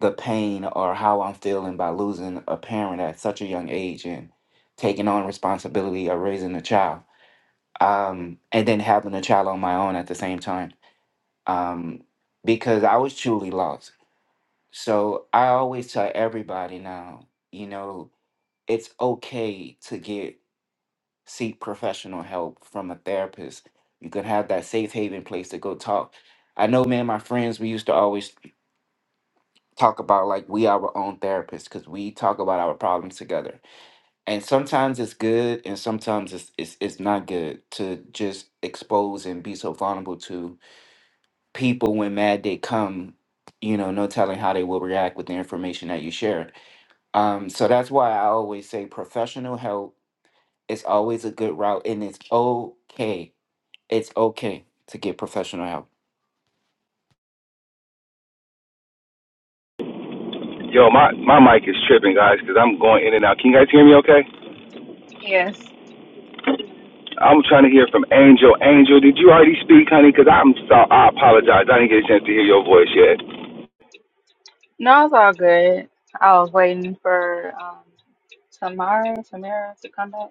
the pain or how I'm feeling by losing a parent at such a young age and taking on responsibility of raising a child. Um, and then having a child on my own at the same time um, because I was truly lost. So I always tell everybody now, you know, it's okay to get seek professional help from a therapist. You can have that safe haven place to go talk. I know, man, my friends, we used to always talk about like we are our own therapists because we talk about our problems together. And sometimes it's good and sometimes it's, it's it's not good to just expose and be so vulnerable to people when mad they come, you know, no telling how they will react with the information that you shared. Um, so that's why I always say professional help is always a good route and it's okay It's okay to get professional help.
Yo, my my mic is tripping, guys, because I'm going in and out. Can you guys hear me? Okay.
Yes.
I'm trying to hear from Angel. Angel, did you already speak, honey? Because I'm so I apologize. I didn't get a chance to hear your voice yet.
No, it's all good. I was waiting for um Tamara Tamara to come back.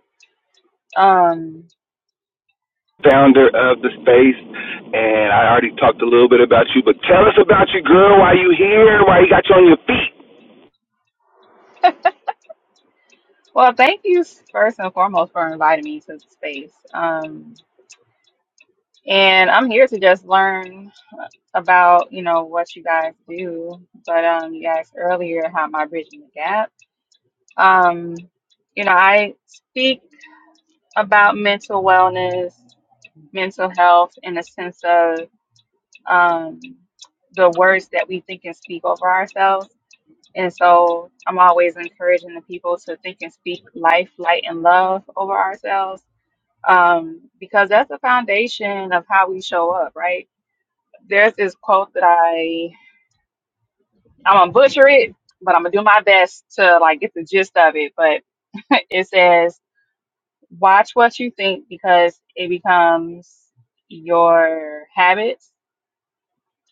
Um
founder of the space, and I already talked a little bit about you, but tell us about you, girl. Why you here? Why you got you on your feet?
well thank you s- first and foremost for inviting me to the space. Um and I'm here to just learn uh, about, you know, what you guys do. But um you asked earlier how am I bridging the gap. Um, you know, I speak about mental wellness, mental health in a sense of um, the words that we think and speak over ourselves. And so I'm always encouraging the people to think and speak life, light, and love over ourselves um, because that's the foundation of how we show up, right? There's this quote that I, I'm going to butcher it, but I'm going to do my best to like get the gist of it. But it says, watch what you think because it becomes your habits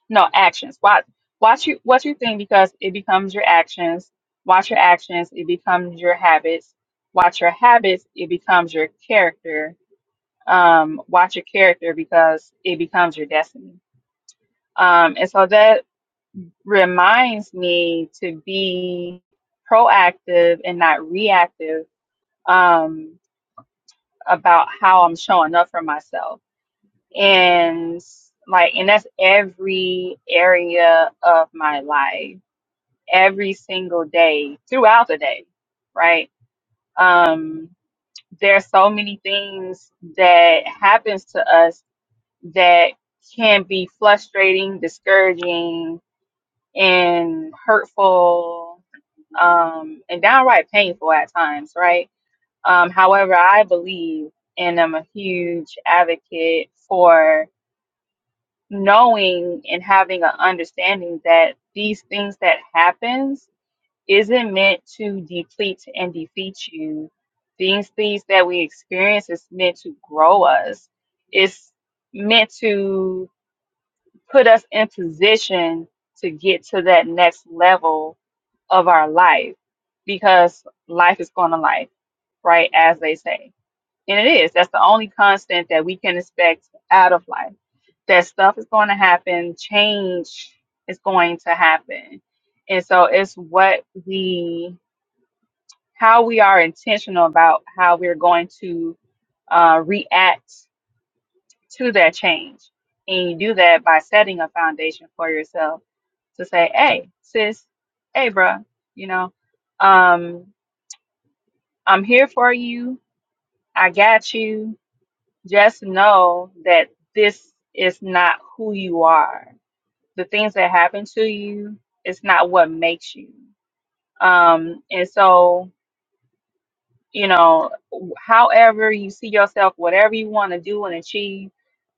No, actions. Watch watch you watch your thing because it becomes your actions. Watch your actions, it becomes your habits. Watch your habits, it becomes your character. Um, watch your character because it becomes your destiny. Um, and so that reminds me to be proactive and not reactive um, about how I'm showing up for myself. And like, and that's every area of my life every single day throughout the day, right? Um, there's so many things that happens to us that can be frustrating, discouraging, and hurtful, um, and downright painful at times, right? Um, however, I believe and I'm a huge advocate for knowing and having an understanding that these things that happens isn't meant to deplete and defeat you. These things that we experience is meant to grow us. It's meant to put us in position to get to that next level of our life because life is going to life, right? As they say. And it is. That's the only constant that we can expect out of life. That stuff is going to happen, change is going to happen. And so it's what we how we are intentional about how we're going to uh, react to that change. And you do that by setting a foundation for yourself to say, hey, sis, hey, bruh, you know, um, I'm here for you. I got you. Just know that this is not who you are. The things that happen to you, it's not what makes you. Um, and so you know, however you see yourself, whatever you want to do and achieve,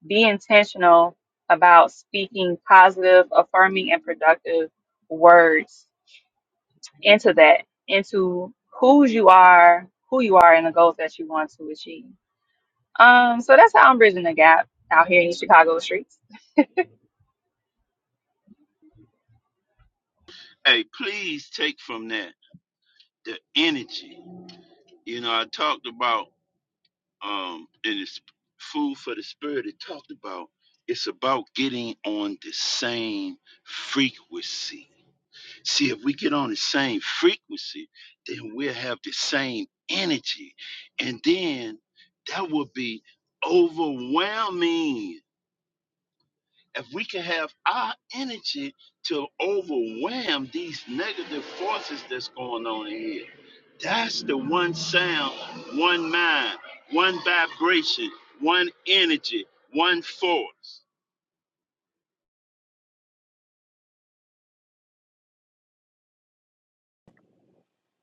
be intentional about speaking positive, affirming, and productive words into that, into who you are, who you are, and the goals that you want to achieve. Um, so that's how I'm bridging the gap out here in the Chicago streets.
Hey, please take from that the energy. You know, I talked about um in this food for the spirit. It talked about it's about getting on the same frequency. See, if we get on the same frequency, then we'll have the same energy, and then that will be overwhelming if we can have our energy to overwhelm these negative forces that's going on in here, that's the one sound, one mind, one vibration, one energy, one force.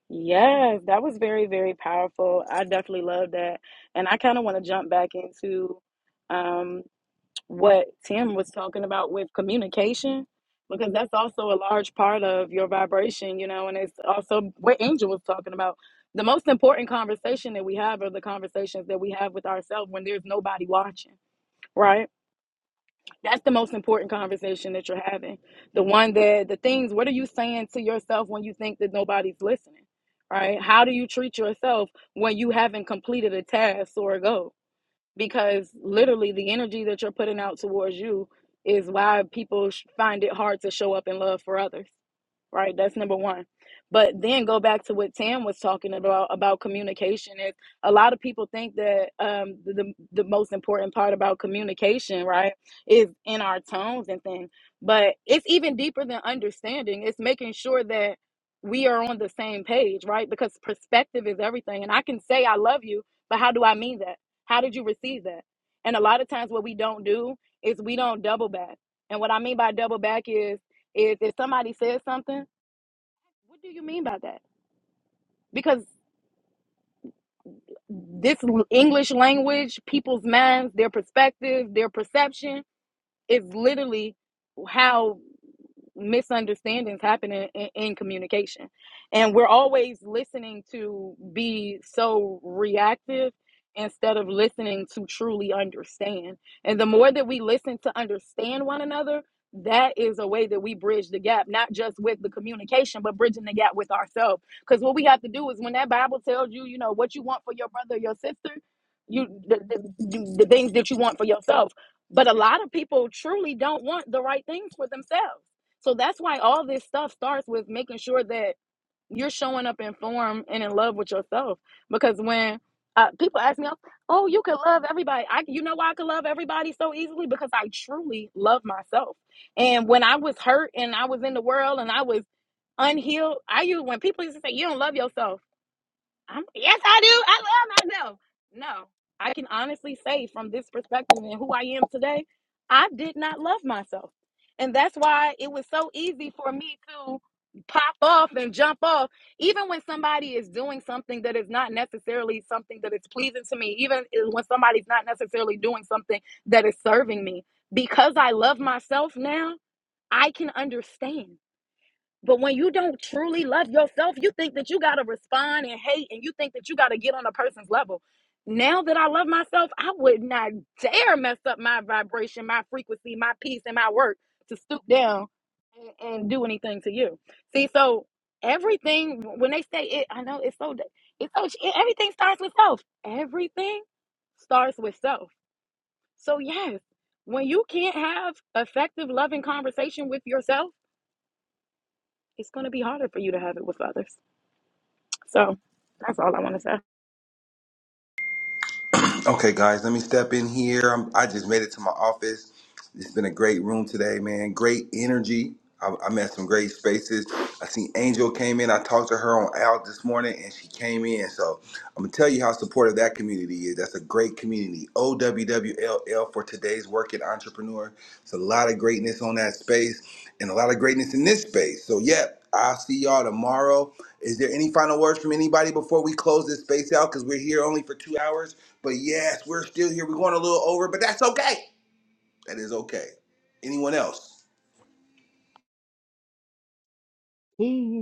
Yes, that was very, very powerful. I definitely love that. And I kind of want to jump back into what Tim was talking about with communication, because that's also a large part of your vibration, you know, and it's also what Angel was talking about. The most important conversation that we have are the conversations that we have with ourselves when there's nobody watching, right? That's the most important conversation that you're having. The one that, the things, what are you saying to yourself when you think that nobody's listening, right? How do you treat yourself when you haven't completed a task or a goal? because literally the energy that you're putting out towards you is why people sh- find it hard to show up in love for others right? That's number one. But then go back to what Tam was talking about about communication. Is a lot of people think that um, the, the the most important part about communication, right, is in our tones and things. But it's even deeper than understanding. It's making sure that we are on the same page, right? Because perspective is everything. And I can say I love you, but how do I mean that? How did you receive that? And a lot of times, what we don't do is we don't double back. And what I mean by double back is is if somebody says something what do you mean by that? Because this l- English language, people's minds, their perspective, their perception, Is literally how misunderstandings happen in, in, in communication. And we're always listening to be so reactive instead of listening to truly understand. And the more that we listen to understand one another, that is a way that we bridge the gap, not just with the communication, but bridging the gap with ourselves. Because what we have to do is when that Bible tells you, you know, what you want for your brother or your sister, you the, the, the things that you want for yourself but a lot of people truly don't want the right things for themselves. So that's why all this stuff starts with making sure that you're showing up informed and in love with yourself. Because when uh, people ask me, "Oh, you can love everybody," I, you know why I can love everybody so easily because I truly love myself. And when I was hurt and I was in the world and I was unhealed, I used when people used to say, "You don't love yourself." I'm, yes, I do. I love myself. No, I can honestly say from this perspective and who I am today, I did not love myself. And that's why it was so easy for me to pop off and jump off. Even when somebody is doing something that is not necessarily something that is pleasing to me, even when somebody's not necessarily doing something that is serving me, because I love myself now, I can understand. But when you don't truly love yourself, you think that you got to respond and hate and you think that you got to get on a person's level. Now that I love myself, I would not dare mess up my vibration, my frequency, my peace, and my work to stoop down and, and do anything to you. See, so everything, when they say it, I know it's so, it's so, everything starts with self. Everything starts with self. So, yes, when you can't have effective, loving conversation with yourself, it's going to be harder for you to have it with others. So that's all I want to say.
Ooh.